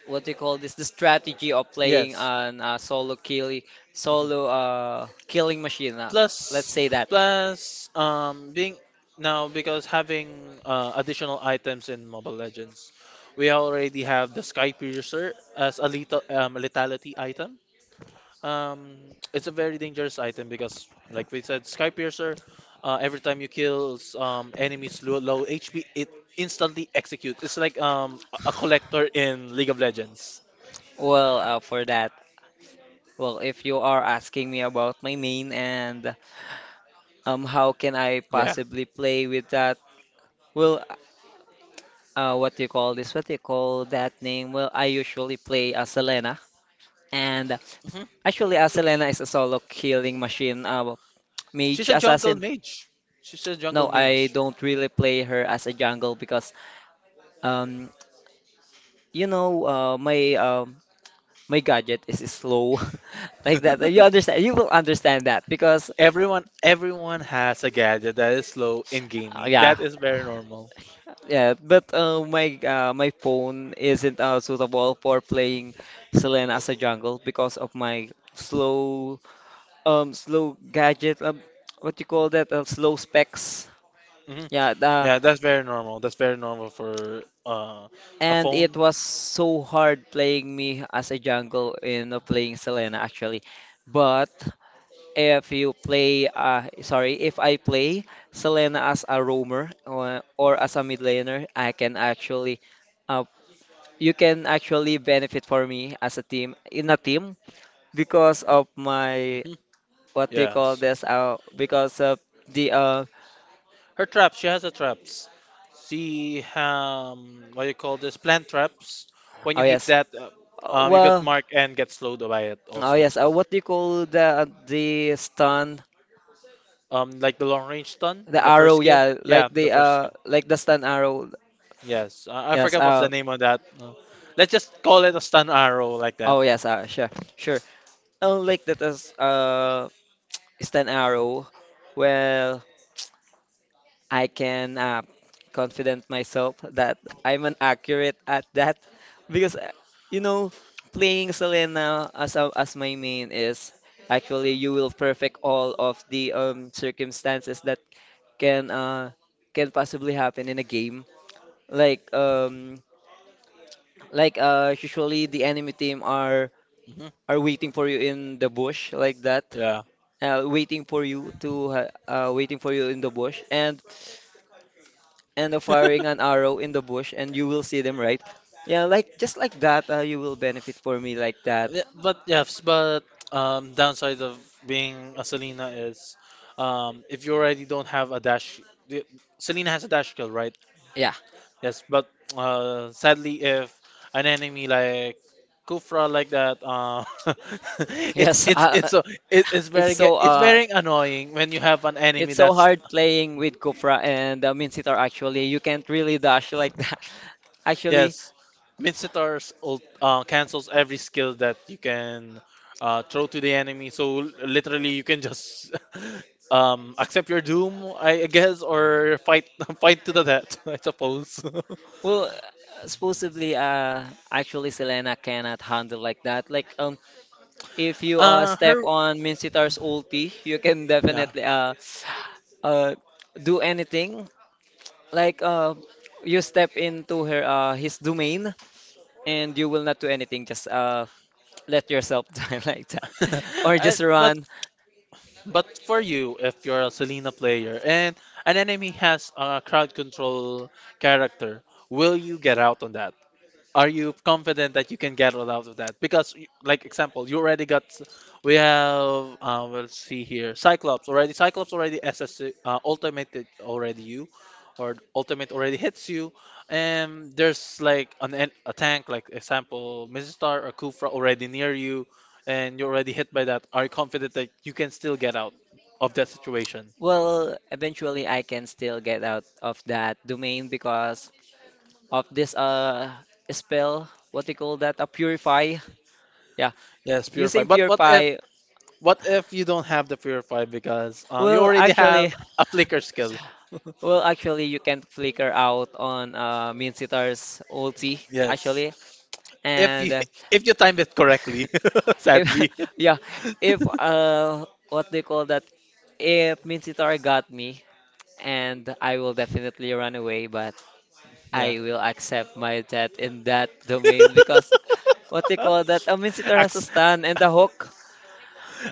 what they call this, the strategy of playing Yes. an Mhm. solo killing machine. Let's Plus, say that. Plus, being, now, because having additional items in Mobile Legends, we already have the Sky Piercer as a lethality item. Um, it's a very dangerous item because, like we said, Sky Piercer, every time you kill, enemies low, low HP, it instantly executes. It's like, a collector in League of Legends. Well, for that, well, if you are asking me about my main and how can I Yeah. possibly play with that? Well, what do you call this? What do you call that name? Well, I usually play as Selena, and Mhm. actually, as Selena is a solo killing machine, well, She's mage a jungle assassin. mage. She's a jungle No, I mage. don't really play her as a jungle because, um, you know, my my gadget is slow, like that. You understand? You will understand that because, everyone has a gadget that is slow in gaming. yeah, That is very normal. yeah. But my my phone isn't suitable for playing Selena as a jungle because of my slow slow gadget, what you call that, slow specs. Hmm. Yeah, the, Yeah, that's very normal. That's very normal for, a and it phone. was so hard playing me as a jungle in playing Selena. Actually, but if you play sorry, if I play Selena as a roamer or as a mid laner, I can actually uh you can actually benefit for me as a team in a team because of my, Hmm. what do you Yeah. call this, because of the Her traps, she has a traps. She, what do you call this? Plant traps. When oh you hit yes. that, you get Well, marked and get slowed by it oh also. yes. What do you call the stun, like, the long range stun, the the first arrow? skill. Yeah, Yeah, the first skill. like the stun arrow. Yes, I Yes. forgot what's the name of that. Let's just call it a stun arrow, like that. Oh yes. Sure, sure. Oh, like that as, stun arrow. Well, I can confident myself that I'm an accurate at that because you know, playing Selena as a, as my main, is actually you will perfect all of the circumstances that can uh can possibly happen in a game. Like um like usually the enemy team are Hmm. Waiting for you in the bush like that. Yeah. Waiting for you to waiting for you in the bush, and firing an arrow in the bush and you will see them, right. Yeah, like just like that, you will benefit for me like that. Yeah, but yes, but, downside of being a Selena is, if you already don't have a dash, the- Selena has a dash skill, right? Yeah. Yes, but, sadly, if an enemy like Kufra, like that, Yes. It's a, it, it's very ge- it's very annoying when you have an enemy It's so that's — hard playing with Kufra and Minsitar, actually. You can't really dash like that. Actually, yes, Mincitar's ult, cancels every skill that you can throw to the enemy. So, literally, you can just accept your doom, I guess, or fight fight to the death, I suppose. well, supposedly, actually Selena cannot handle like that. Like, if you step her. on Minsitar's ulti, you can definitely uh, do anything. Like, you step into her his domain and you will not do anything. Just let yourself die like that, or just but run. For you, if you're a Selena player and an enemy has a crowd control character, will you get out on that? Are you confident that you can get all out of that? Because, like, example, you already got. We have. We'll see here. Cyclops already. Cyclops already. SS ultimate it already you, or ultimate already hits you. And there's like an a tank, like example, Missus Star or Kufra already near you, and you're already hit by that. Are you confident that you can still get out of that situation? Well, eventually I can still get out of that domain because of this spell. What do you call that? A purify. Yeah, Yes, purify. using But what if purify. You don't have the purify because, you Well, already actually, have a flicker skill? well, actually, you can flicker out on Minsitar's ulti Yes. actually, If you and if you time it correctly, if sadly. yeah, if what do you call that? If Minsitar got me, and I will definitely run away, but Yeah. I will accept my debt in that domain because, what do you call that? A mincemeat has a Ax- stand and a hook.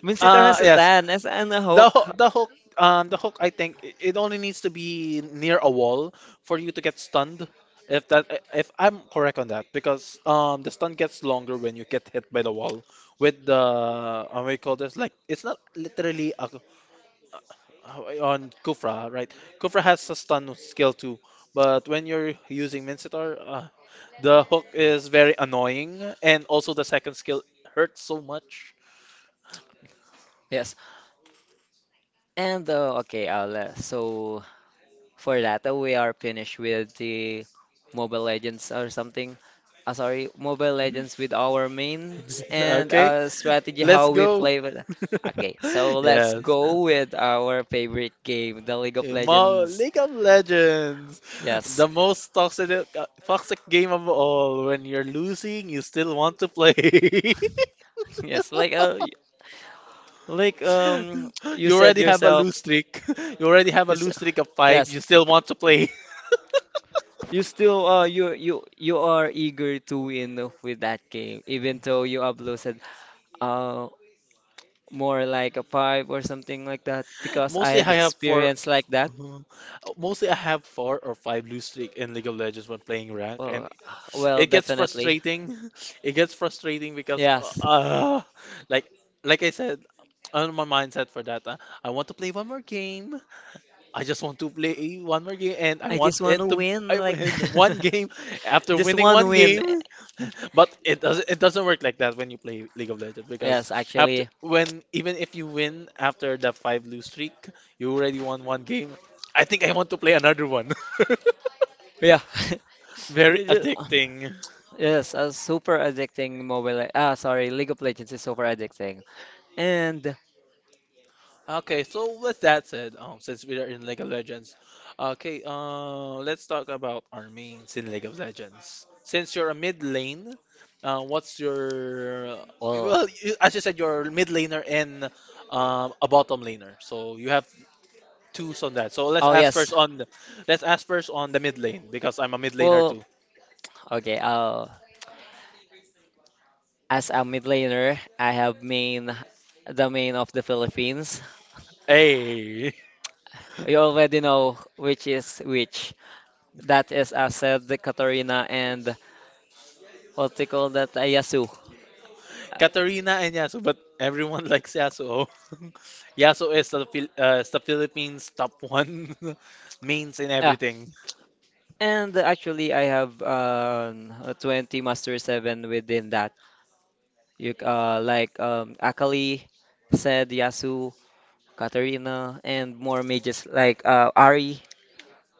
Mincemeat has a yes. stand and a The hook. ho- the hook um the hook I think, it only needs to be near a wall for you to get stunned. If I'm correct on that, because the stun gets longer when you get hit by the wall with the, what do you call this, like, it's not literally a, on Kufra, right? Kufra has a stun skill too, but when you're using Mincetar, the hook is very annoying, and also the second skill hurts so much. Yes. And okay, so for that we are finished with the Mobile Legends or something. Sorry, Mobile Legends, with our mains and Okay, strategy let's how we go. play with. Okay, so let's Yes, go with our favorite game, the League of in Legends. League of Legends, Yes, the most toxic toxic game of all. When you're losing, you still want to play. yes, like like you You said already have a yourself, lose streak. You already have you a s lose streak of five. yes, You still want to play. you still you are eager to win with that game, even though you uploaded uh more like a five or something like that, because I Mostly have I have four, experience like that. mostly I have four or five lose streak in League of Legends when playing rank, Well, and well, it gets definitely, frustrating. It gets frustrating because, uh, yes. uh, like, like I said, on my mindset for that, I want to play one more game. I just want to play one more game and I I just want want to it to win, I like win one game after just winning one one win. game. But it doesn't work like that when you play League of Legends, because Yes, after actually, when even if you win after the five lose streak, you already won one game. I think I want to play another one. yeah. Very They ju- addicting. Yes, a super addicting mobile. Ah, sorry, League of Legends is super addicting. And Okay, so with that said, since we are in League of Legends, okay, let's talk about our mains in League of Legends. Since you're a mid lane, what's your well, well, you, as you said, you're a mid laner and, a bottom laner, so you have twos on that. So oh yes. Let's ask first on the mid lane, because I'm a mid laner Well, too. okay. As a mid laner, I have main the main of the Philippines. Hey, You already know which is which. That is I said the Katarina and what they call that, Yasu. Uh, Katarina and Yasuo, but everyone likes Yasuo. Yasuo is is the Philippines' top one mains in yeah. everything. And actually, I have a 20 Master 7 within that. Like Akali, Sed, Yasu, Katarina, and more mages like Ari.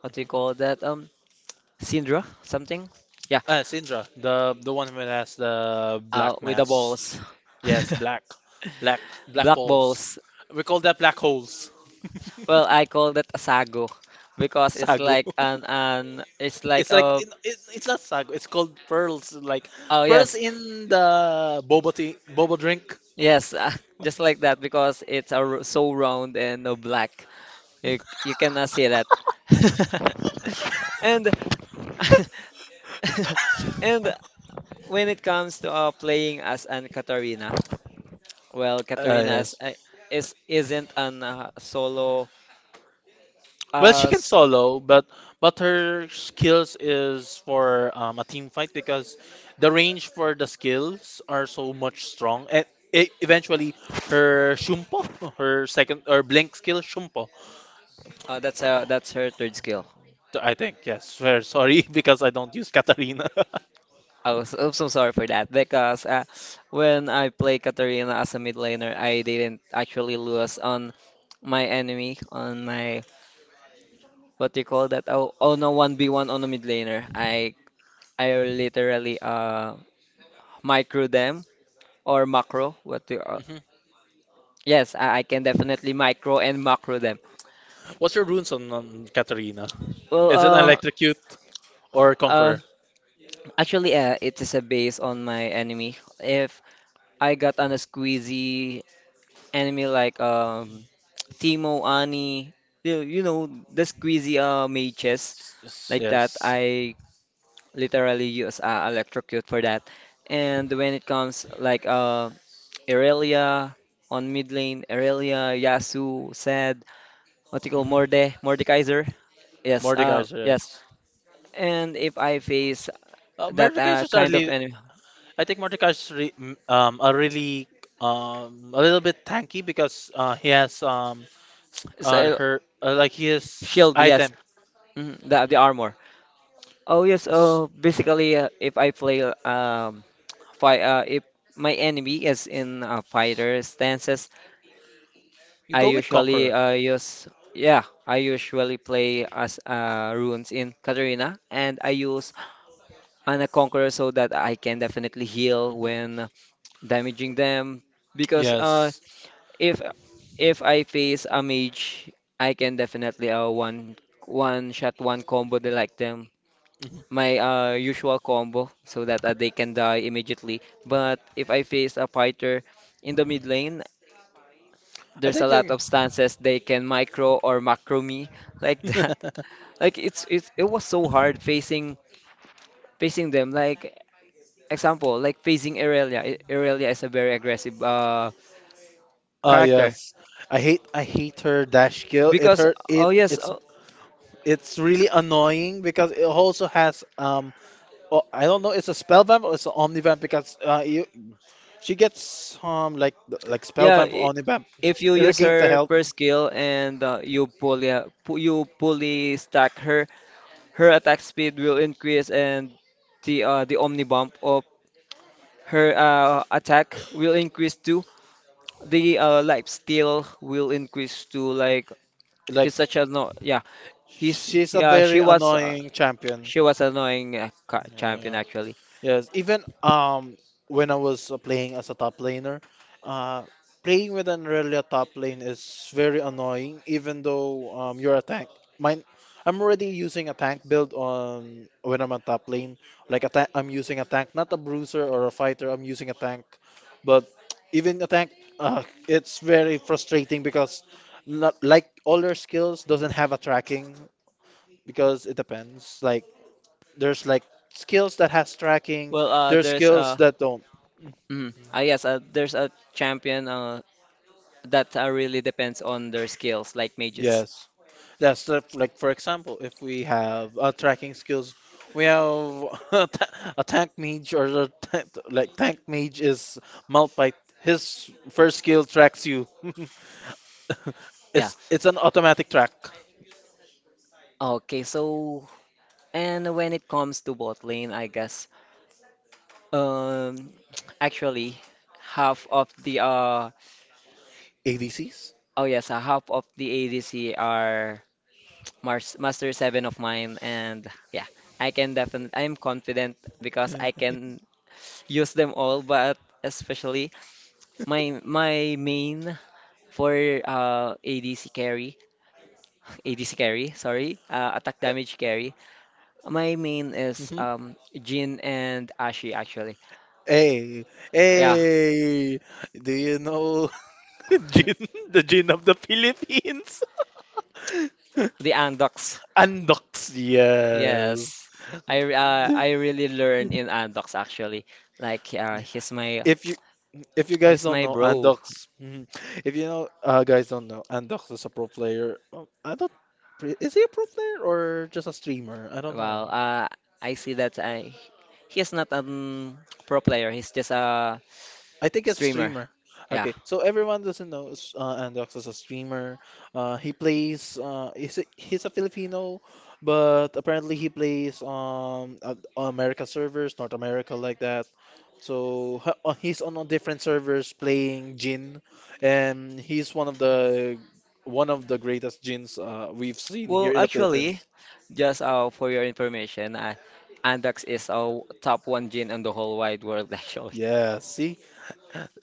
What do Mhm. you call that? Syndra, something. Yeah, Syndra, the one who has the black with the mass. balls, Yes, black, black, black balls. balls. We call that black holes. Well, I call that a sago because it's Sago. like an it's like It's like, a it's not sago. It's called pearls. Like oh pearls yes, in the boba tea, boba drink. yes, just like that, because it's a, so round and black. You cannot see that. And And when it comes to playing as an Katarina, well, Katarina Yes. Is isn't an solo. Well, she Uh, can s- solo, but her skills is for, a team fight, because the range for the skills are so much strong. And e eventually, her Shumpo, her second or blink skill Shumpo. That's her third skill. So, I think. Yes, fair. Sorry because I don't use Katarina. I'm so sorry for that because when I play Katarina as a mid laner, I didn't actually lose on my enemy on my, what do you call that? Oh, oh no, one v one on a mid laner. I literally micro them or macro. What do you, Mhm. yes, I can definitely micro and macro them. What's your runes on Katarina? Well, Is it electrocute or uh, conqueror? actually, it is a base on my enemy. If I got on a squeezy enemy like Teemo, Ani, you know, the squeezy mages Yes, like that, yes. I literally use electrocute for that. And when it comes like Irelia on mid lane, Irelia, Yasu, Zed, what do you call Hmm. Morde, Mordekaiser. Yes, Mordekaiser, yes. yes. And if I face that Mordekaiser's are kind of enemy, I think Mordecai's a really a little bit tanky because he has s- so, her like his shield, yes, item. The Mm. armor. Oh yes. Oh, basically, if I play fight, if my enemy is in fighter stances, You I go with usually Conqueror. Use yeah, I usually play as runes in Katarina, and I use Ana Conqueror so that I can definitely heal Mhm. when damaging them, because Yes. If if I face a mage, I can definitely one one shot one combo they like them. Mhm. My usual combo so that they can die immediately. But if I face a fighter in the mid lane, I there's a think you're. lot of stances they can micro or macro me like that. Like it was so hard facing facing them. Like example, like facing Irelia. Irelia is a very aggressive Ah character yes, I hate her dash skill. Because oh yes, oh, It's really annoying because it also has Well, I don't know. It's a spell vamp or it's an omni vamp because you— she gets like spell yeah, vamp or only vamp, if you use regain the her health. first skill and you pull you pulley stack her, her attack speed will increase, and the omni bump of her attack will increase too. The life steal will increase too. Like Like he's such a no, yeah, he's she's a he, uh, very she was uh, annoying champion. she was annoying Yeah, champion yeah. actually. Yes, even when I was playing as a top laner, uh playing with an Aurelia top lane is very annoying even though you're a tank. Mine— I'm already using a tank build on when I'm on top lane. Like a tank, I'm using a tank, not a bruiser or a fighter. I'm using a tank, but even a tank, it's very frustrating because not like all your skills doesn't have a tracking because it depends. Like there's like skills that has tracking. Well There's there's skills uh that don't. Mm. Mm. Yes, there's a champion that really depends on their skills, like mages. Yes. That's the, like for example, if we have tracking skills, we have a tank mage or a like tank mage is malphite. His first skill tracks you. Yeah. It's an automatic track. Okay, so and when it comes to bot lane, I guess, um actually, half of the ADCs. oh yes, half of the ADC are Mars Master 7 of mine, and yeah, I'm confident because I can use them all, but especially my main for ADC carry, ADC carry, sorry, attack damage carry. My main is Mm-hmm. Jhin and Ashe actually. Hey, Yeah, hey, do you know Jin, the Jin of the Philippines? the Andox. Andox, yes. Yes. I really learn in Andox actually. Like If you— if you guys he's don't my know bro. Andox, mhm. If you know guys don't know Andox is a pro player. I don't. Pre- Is he a pro player or just a streamer? I don't know. Well, I see that I he's not pro player. He's just a I think it's a streamer. streamer. Yeah. Okay, so everyone doesn't know Andox is a streamer. He's a Filipino, but apparently he plays America servers, North America like that. So he's on different servers playing Jin, and he's one of the greatest Jins we've seen here Well, in the actually, Philippines. just for your information, Andax is a top one gin in the whole wide world actually. Yeah, see,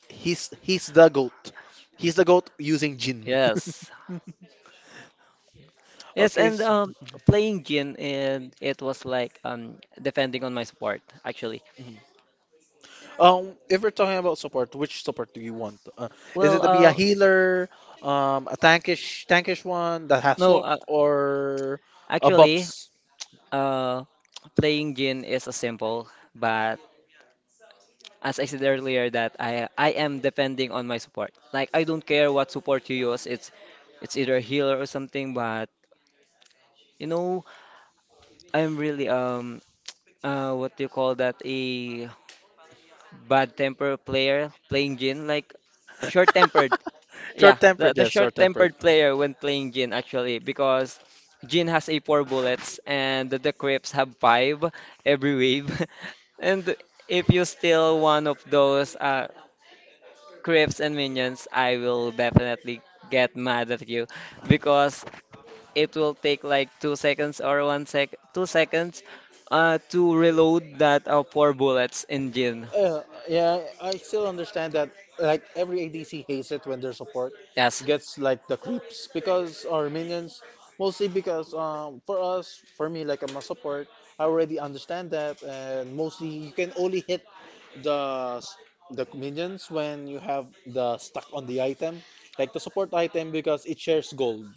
he's the goat. He's the goat using Jin. Yes. Yes, Okay. and playing Jin, and it was like, depending on my support, actually. Mhm. If we're talking about support, which support do you want? Is it Well, to be a uh, healer, a tankish one that has no, hook, or a actually, buffs? uh, playing Jin is a simple, but as I said earlier, that I am depending on my support. Like I don't care what support you use. It's either healer or something, but you know, I'm really what do you call that? A bad temper player playing Jin, like short-tempered. Short Yeah, The tempered, the yes, short tempered. short-tempered player when playing Jhin actually, because Jhin has a four bullets, and the creeps have five every wave. And if you steal one of those creeps and minions, I will definitely get mad at you because it will take like 2 seconds or one sec 2 seconds to reload that four bullets in Jhin. Uh, yeah, I still understand that. Like every ADC hates it when their support Yes. gets like the creeps because or minions, mostly because for us, for me, like I'm a support, I already understand that, and mostly you can only hit the s- the minions when you have the stuck on the item, like the support item because it shares gold.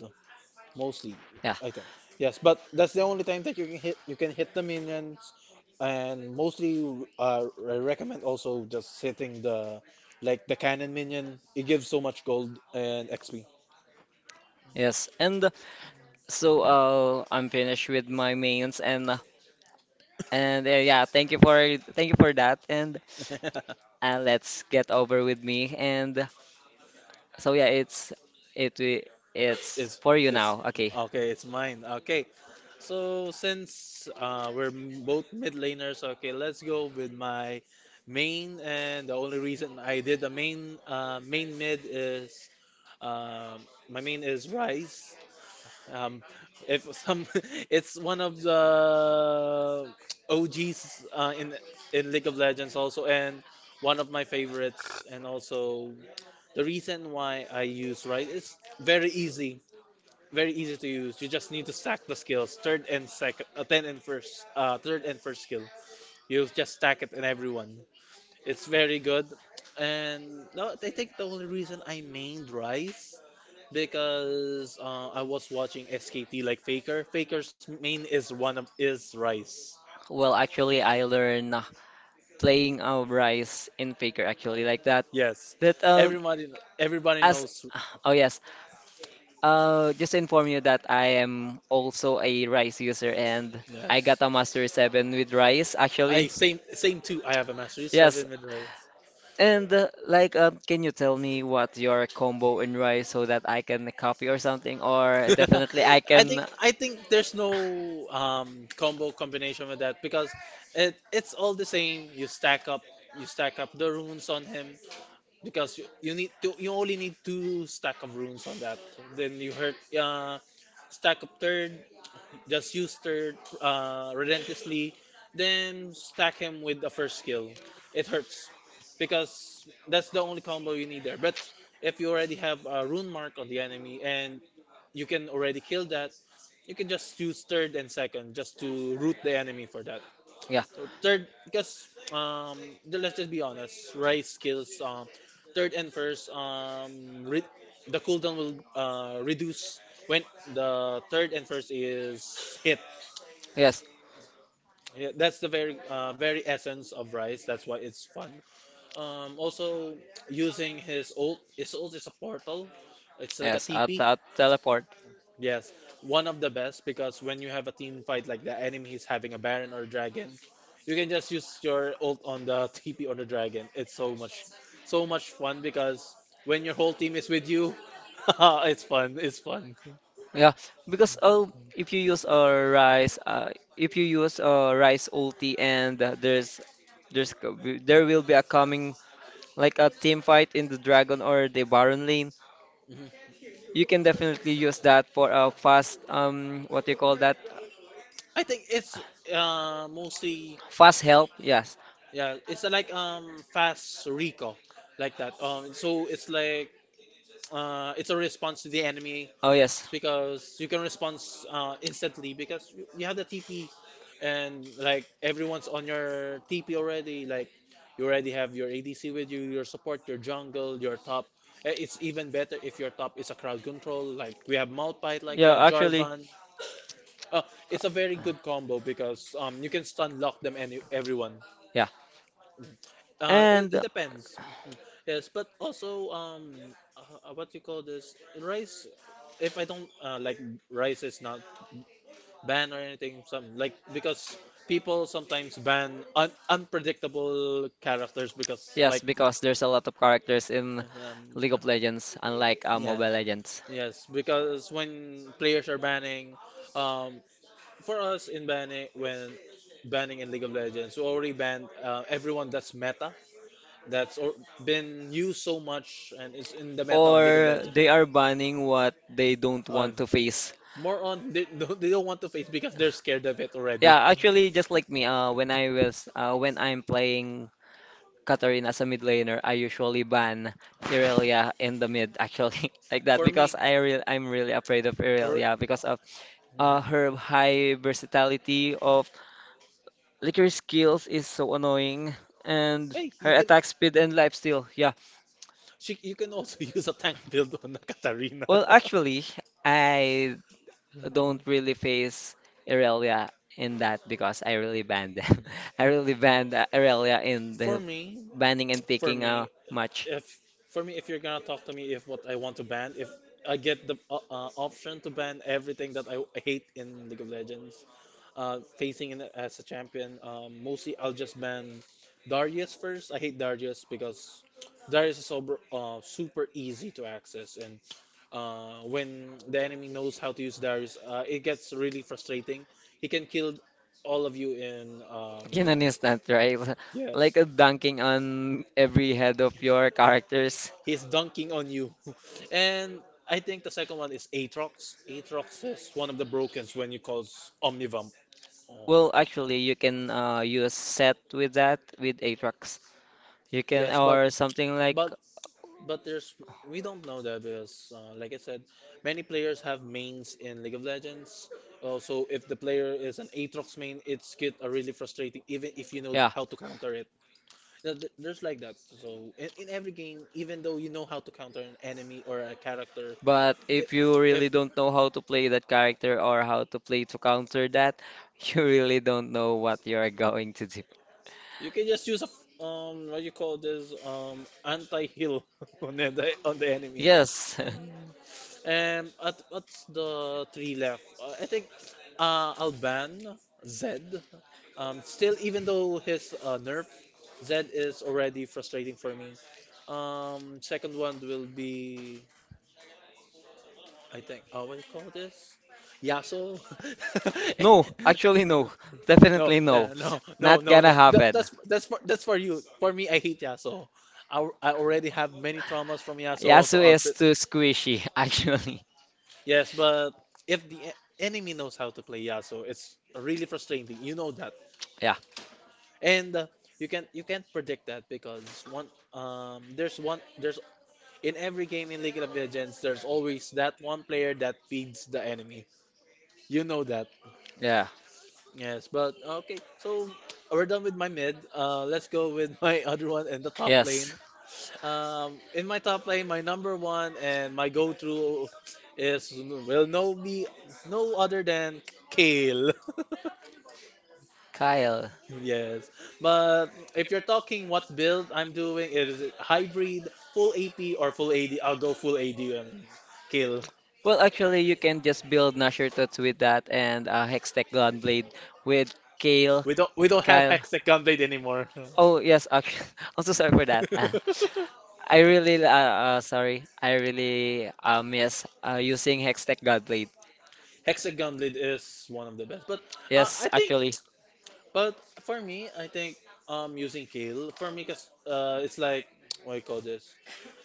Mostly, Yeah, I think. Yes, but that's the only time that you can hit the minions, and mostly I recommend also just hitting the like the cannon minion. It gives so much gold and XP. yes. And so I'm finished with my mains and yeah, thank you for that, and let's get over with me, and so yeah, it's it's It's for you it's now. Okay. okay. It's mine. Okay, so since we're both mid laners, okay, let's go with my main. And the only reason I did the main mid is my main is Rise. Um, if some, it's one of the OGs in League of Legends also, and one of my favorites, and also the reason why I use right, it's very easy to use. You just need to stack the skills, third and second, third and first skill. You just stack it in everyone. It's very good. And no, I think the only reason I mained Rice because I was watching SKT like Faker. Faker's main is one of is Rice. Well, actually, I learned playing Rise in Faker actually, like that. Yes. But Everybody everybody as knows. oh yes, just to inform you that I am also a Rise user, and I Yes. got a Master 7 with Rise I actually. same same too. I have a Mastery Yes. 7 with Rice. And like, can you tell me what your combo in rice so that I can copy or something? Or definitely I I think can. I think there's no combo combination with that because it's all the same. You stack up the runes on him because you only need two stack of runes on that. Then you hurt stack up third. Just use third relentlessly, then stack him with the first skill. It hurts because that's the only combo you need there. But if you already have a rune mark on the enemy and you can already kill that, you can just use third and second just to root the enemy for that. Yeah. So third, because let's just be honest, rice skills. Third and first, the cooldown will reduce when the third and first is hit. Yes. Yeah, that's the very very essence of rice. That's why it's fun. Also, using his ult. His ult is a portal. It's like a Yes. TP. At teleport. Yes, one of the best because when you have a team fight like the enemy is having a baron or dragon, you can just use your ult on the TP on the dragon. It's so much, so much fun because when your whole team is with you, it's fun. It's fun. Yeah. Because if you use a rice, if you use a rice ulti, and there's there will be a coming like a team fight in the dragon or the baron lane, Mhm. you can definitely use that for a fast, what do you call that? I think it's mostly Fast help. Yes. yeah. It's like fast recall like that. So it's like it's a response to the enemy Oh yes. because you can respond instantly because you have the TP and like everyone's on your TP already. Like you already have your ADC with you, your support, your jungle, your top. Eh, it's even better if your top is a crowd control. Like we have Malphite like that, Jarvan. Uh, it's a very good combo because you can stun lock them any everyone. Yeah. It depends. Yes, but also what you call this? Rice— if I don't like Rice is not ban or anything some like because people sometimes ban unpredictable characters because like Because there's a lot of characters in um, League of Legends, unlike yeah. Mobile Legends. Yes, because when players are banning, um, for us in banning, when banning in League of Legends, we already banned everyone that's meta, that's or, been used so much and is in the meta of League of Legends. They are banning what they don't Uh, want to face. more on they, they don't want to face because they're scared of it already. Yeah, actually, just like me, when I'm playing Katarina as a mid laner, I usually ban Irelia in the mid, actually, like that, For because me, I'm really afraid of or Irelia because of mhm. Her high versatility of like her skills is so annoying, and Hey, you her can— attack speed and life steal. Yeah. she, you can also use a tank build on a Katarina. Well, actually, I don't really face Irelia in that because I really banned them. I really banned Irelia in For the me, banning and for picking me, match. if for me, if you're gonna talk to me if what I want to ban, if I get the option to ban everything that I hate in League of Legends facing in as a champion, mostly I'll just ban Darius first. I hate Darius because Darius is so, super easy to access, and when the enemy knows how to use Darius, it gets really frustrating. He can kill all of you in In an like— instant, right? yes. Like a dunking on every head of your characters. He's dunking on you. And I think the second one is Aatrox. Aatrox is one of the brokens when you call Omnivamp. Oh. Well, actually, you can use set with that with Aatrox. You can, Yes, or something like. but but there's— we don't know that because like I said, many players have mains in League of Legends. So if the player is an Aatrox main, it's get really frustrating even if you know Yeah. how to counter it. There's like that. So in every game, even though you know how to counter an enemy or a character, But I if you if really don't know how to play that character or how to play to counter that, you really don't know what you are going to do. you can just use a what you call this anti heal on the enemy. Yes. Mm. And at what's the three left? I think Alban— Zed. Still even though his nerf Zed is already frustrating for me. Second one will be I think what do you call this? Yasuo. No, actually no. No, Definitely no. No, no, Not no, gonna no. That, happen. that's that's for that's for you. For me, I hate Yasuo. I already have many traumas from Yasuo. So, Yasu is but— too squishy, actually. yes, but if the enemy knows how to play Yasuo, it's really frustrating. You know that, Yeah, and you can you can't predict that because one there's one there's in every game in League of Legends there's always that one player that feeds the enemy. You know that. yeah. Yes, but okay. So we're done with my mid. Let's go with my other one in the top Yes. lane. In my top lane, my number one and my go-to is will no be no other than Kale. Kyle. Yes, but if you're talking what build I'm doing, is it hybrid, full AP or full AD? I'll go full AD and kill. Well, actually, you can just build Nasher Tots with that, and Hextech Gunblade with Kale. We don't have Kyle. Hexagon Blade anymore. Oh, yes, actually. I'm so sorry for that. Ah. Sorry. I really miss using Hextech Gunblade. Hexagon Blade is one of the best, but Yes, I think. actually. But For me, I think using kale for me, cause it's like what I call this.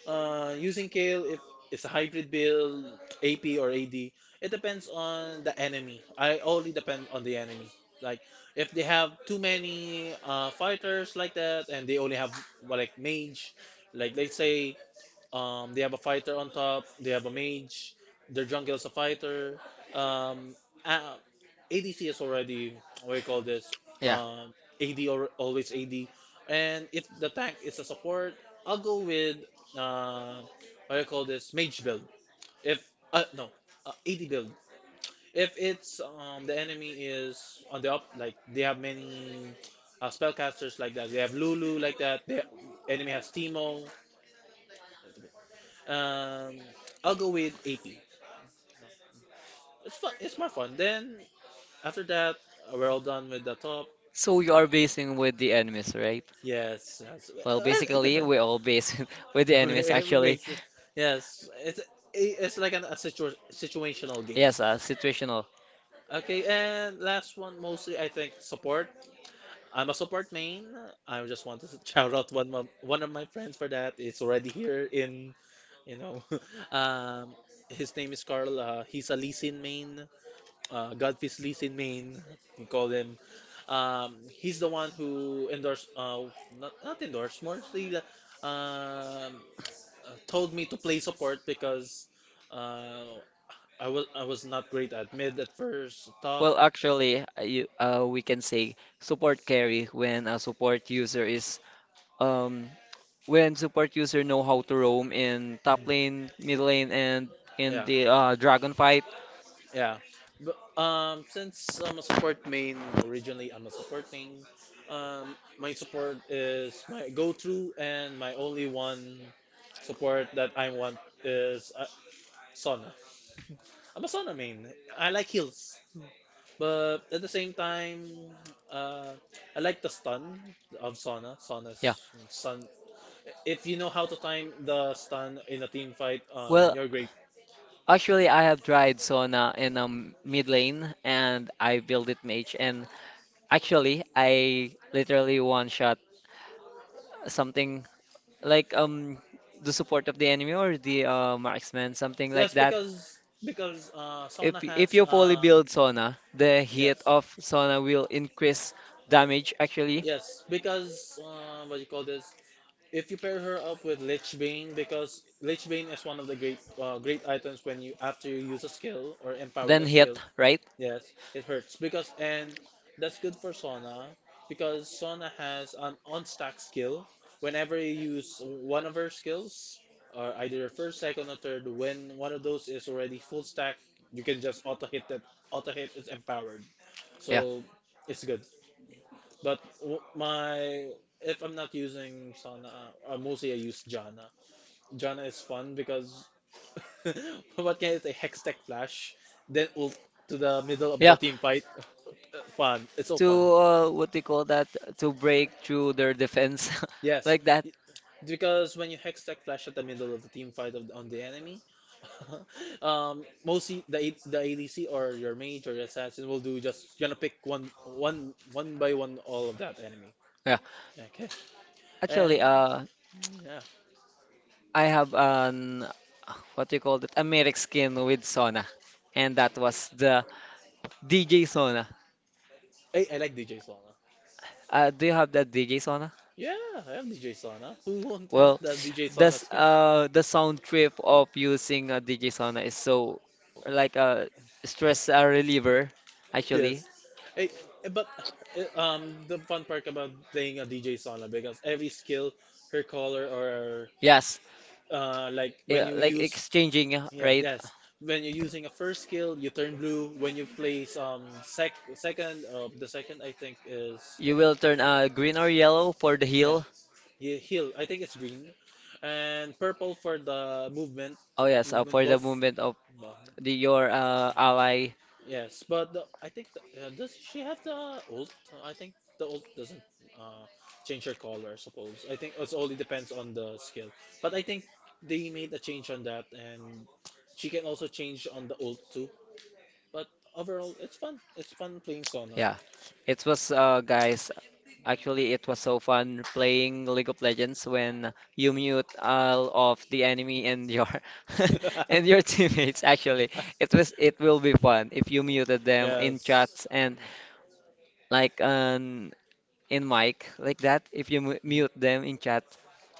Using kale, if it's a hybrid build, AP or AD, it depends on the enemy. I only depend on the enemy. Like if they have too many fighters like that, and they only have, well, like mage, like let's say they have a fighter on top. They have a mage. Their jungle is a fighter. Um, uh, ADC is already, what do you call this? Yeah. Um, AD, or always AD. And if the tank is a support, I'll go with uh, what do you call this? Mage build. If no, AD build. If it's, the enemy is on the up, like they have many spellcasters like that. They have Lulu like that. The enemy has Teemo. Um, I'll go with AP. It's fun. It's more fun. Then after that, we're all done with the top. So you are basing with the enemies, right? Yes, yes. Well, Well, it basically, depends. we all base with the enemies, It actually. makes, yes. It's like an, a situational game. Yes, situational. Okay, and last one, mostly I think support. I'm a support main. I just want to shout out one of my friends for that. It's already here in, you know, um, his name is Carl. He's a Lee Sin main. Godfrey's Lee's in Maine. We call him. He's the one who endorsed, not endorsed, more he, uh, told me to play support because uh, I was not great at mid at first, top. Actually, we can say support carry when a support user is, um, when support user know how to roam in top lane, mid lane, and in Yeah, the dragon fight. yeah. But, since I'm a support main, originally I'm a support main, my support is my go-to, and my only one support that I want is Sona. I'm a Sona main. I like heals. But at the same time, uh, I like the stun of Sona. Yeah. Sona's stun. If you know how to time the stun in a team fight, Well, you're great. actually, I have tried Sona in, mid lane, and I built it mage, and actually, I literally one shot something like, the support of the enemy or the marksman, something like Yes, that. Because sauna If has you poly build Sona, the hit yes, of Sona will increase damage actually. yes, because what you call this? If you pair her up with Lich Bane, because Lich Bane is one of the great great items when you, after you use a skill or empowered Then a skill. hit, right? Yes, it hurts because, and that's good for Sona because Sona has an on-stack skill. Whenever you use one of her skills, or either your first, second, or third, when one of those is already full stack, you can just auto hit that. Auto hit is empowered, Yeah. so it's good. My, if I'm not using Sona, mostly I use Janna. Jhana is fun because what can I say? Hextech Flash, then ult to the middle of the Yeah. team fight. Fun. It's so fun. To what they call that, to break through their defense Yes, like that. because when you Hextech Flash at the middle of the team fight of, on the enemy, mostly the ADC or your mage or your assassin will do, just you're gonna pick one by one all of that enemy. Yeah. Okay, and Actually, yeah, I have an what do you call it? A Merrick skin with Sona, and that was the DJ Sona. I like DJ Solana. Do you have that DJ Sona? Yeah, I have DJ Solana. Who won't want Well, the DJ Solana this skin? The sound trip of using a DJ Sona is so like a stress reliever actually. Yes. Hey, eh, but eh, the fun part about playing a DJ sauna, because every skill, her color, or Yes, like when yeah, you like use, exchanging, yeah, right? yes, when you're using a first skill, you turn blue. When you place second, the second I think is, You will turn green or yellow for the yeah, heal. yeah, heal. I think it's green, and purple for the movement, Oh yes, movement for the buff. movement of the, your ally. Yes, but the, I think the, does she have the ult? I think the ult doesn't uh, change her color. I suppose I think it only depends on the skill. But I think they made a change on that, and she can also change on the ult too. But overall, it's fun. It's fun playing Sona. Yeah, it was, guys. Actually, it was so fun playing League of Legends when you mute all of the enemy and your and your teammates. Actually, it will be fun if you muted them in Yes. chats and like, in mic like that. If you mu Mhm. mute them in chat,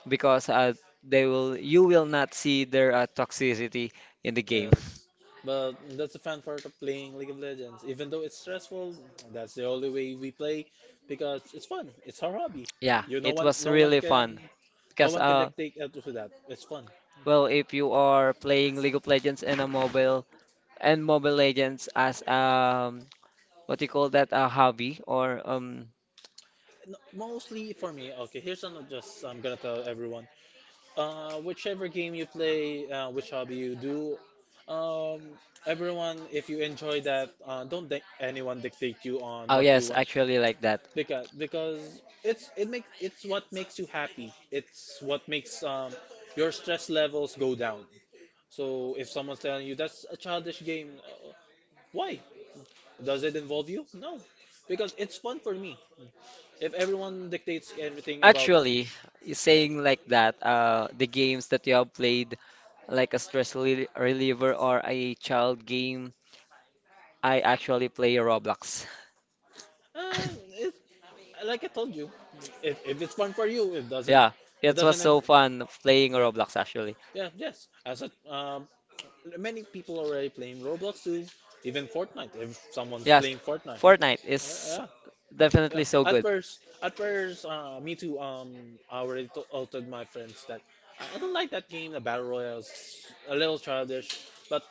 because they will you will not see their toxicity in the game. Yes, but that's the fun part of playing League of Legends. Even though it's stressful, that's the only way we play because it's fun. It's our hobby. Yeah, You, it was no one really can, fun no because one can dictate us to that. It's fun. well, if you are playing League of Legends in a mobile and Mobile Legends as, what do you call that, a hobby or No, mostly for me. Okay, here's something, just I'm gonna tell everyone. Whichever game you play, which hobby you do, um, everyone, if you enjoy that, don't let anyone dictate you on oh what you yes, want, actually like that. Because it's, it makes, it's what makes you happy. It's what makes your stress levels go down. So if someone's telling you that's a childish game, why? Does it involve you? No, because it's fun for me. If everyone dictates everything about, Actually, you're saying like that, the games that you have played, like a stress reliever or a child game, I actually play Roblox. It's like I told you, if it's fun for you, it doesn't, Yeah, it it was doesn't so fun playing yeah, Roblox actually. yeah, yes. As a. Many people already playing Roblox too, even Fortnite. If someone's Yes, playing Fortnite, Fortnite is yeah. Yeah. definitely so good. At first, me too. I already told my friends that I don't like that game. The battle royale is a little childish. But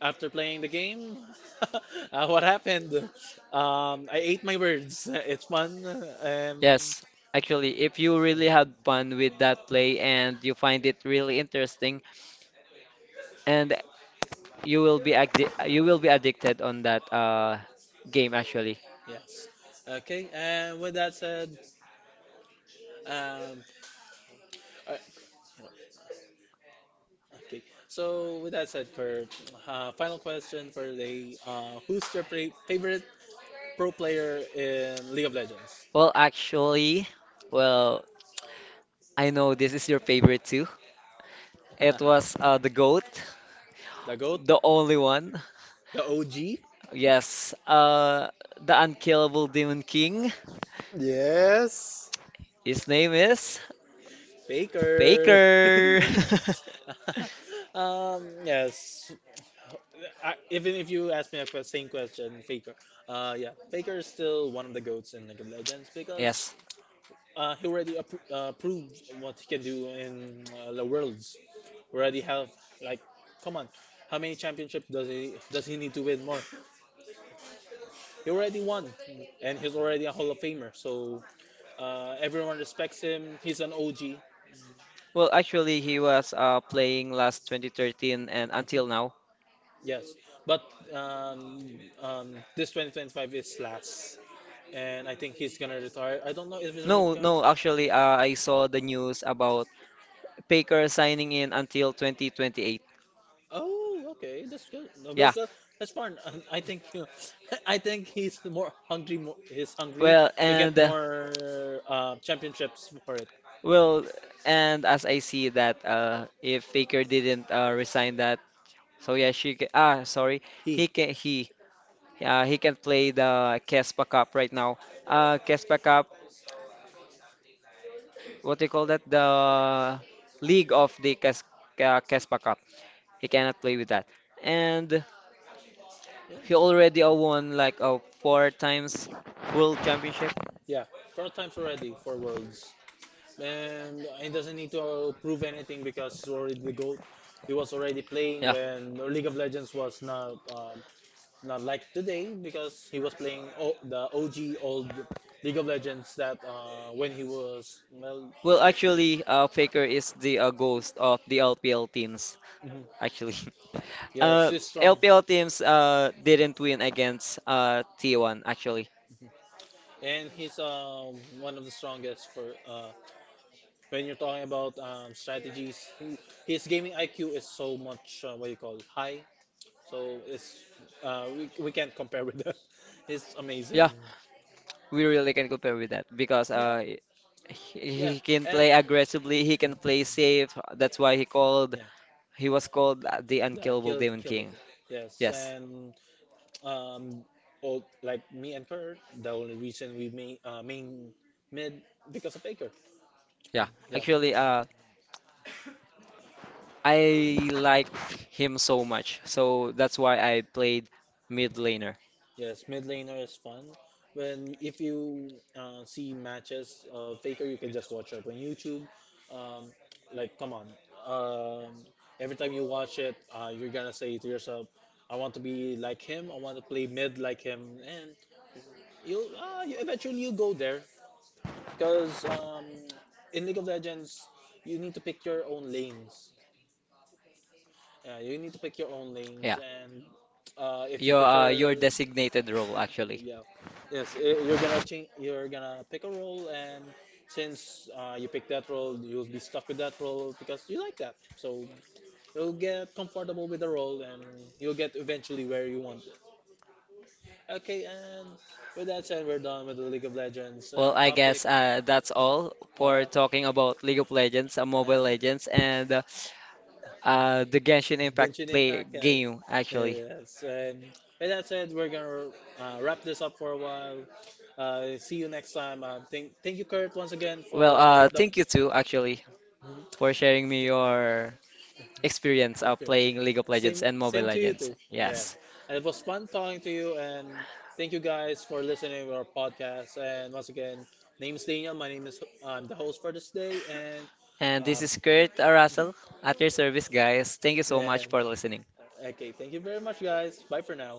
after playing the game, what happened? I ate my words. It's fun. Yes, actually, if you really had fun with that play and you find it really interesting, and you will be you will be addicted on that game actually. Yes. Okay. And with that said, um, all right. Okay. So with that said, Kurt, final question for today. Who's your favorite pro player in League of Legends? Well, actually, well, I know this is your favorite too. It was the GOAT, The GOAT, the only one. the OG, Yes, the unkillable Demon King. yes. His name is Faker. Baker. Um, yes. I, even if you ask me same question, Faker. Yeah, Faker is still one of the goats in League of Legends because Yes. He already proved what he can do in the worlds. Already have, like, come on, how many championships does he, does he need to win more? He already won, and he's already a hall of famer, so everyone respects him. He's an OG. Well, actually, he was playing last 2013 and until Mhm. now. Yes, but um, this 2025 is last, and I think he's gonna retire. I don't know if he's No, retire. no, actually, I saw the news about Baker signing in until 2028. Oh, okay, that's good. No, Yeah. That's fine. And I think I think he's more hungry. More, he's hungry Well, to to get and more championships for it. well, and as I see that, if Baker didn't resign that, so yeah, she ca ah sorry, He, he can he he can play the Kespa Cup right now. Kespa Cup, what do you call that? The league of the Kespa Cup. He cannot play with that. And he already yeah, won like a 4 times world championship. yeah, four times already for Worlds, and he doesn't need to prove anything because he's already the goat. He was already playing Yeah. when League of Legends was not not like today, because he was playing o the OG old League of Legends that when he was, well, Well, actually, Faker is the ghost of the LPL teams. mhm. Actually, Yes, uh, he's strong, LPL teams didn't win against T1. Actually, and he's one of the strongest for when you're talking about strategies. He, his gaming IQ is so much what you call high, so it's we can't compare with that. It's amazing. yeah. We really can compare with that because Yeah, yeah, he can and. play aggressively, he can play safe. That's why he called Yeah. he was called the Yeah, unkillable killed Demon killed with King. it. Yes, Yes. and um, all, like me and Kurt, the only reason we made main mid because of Aker. Yeah. Yeah. Actually, I like him so much. So that's why I played mid laner. Yes, mid laner is fun. When if you see matches of Faker, you can just watch it on YouTube. Um, like, come on. Um, every time you watch it, you're gonna say to yourself, "I want to be like him. I want to play mid like him." And you'll you eventually you go there. Because in League of Legends, you need to pick your own lanes. Yeah, you need to pick your own lanes, Yeah. and if you Your prefer, designated role actually. yeah, yes, I- you're gonna change. You're gonna pick a role, and since you pick that role, you'll be stuck with that role because you like that. So you'll get comfortable with the role, and you'll get eventually where you want it. Okay, and with that said, we're done with the League of Legends and Well, I topic. guess that's all Oh yeah. for talking about League of Legends, Mobile And- Legends, and the Genshin Genshin Impact Impact, play yes. game actually. Yes. And with that said, we're gonna wrap this up for a while. See you next time. Thank you, Kurt, once again Well, for the thank you too actually mhm. for sharing me your experience of Experience. playing League of Same, Legends and same Mobile to you too. Legends. Yes. Yes. And it was fun talking to you, and thank you guys for listening to our podcast. And once again, name is Daniel. My name is, I'm the host for this day, and And um, this is Kurt mhm. Russell at your service, guys. Thank you so And much for listening. okay, thank you very much, guys. Bye for now.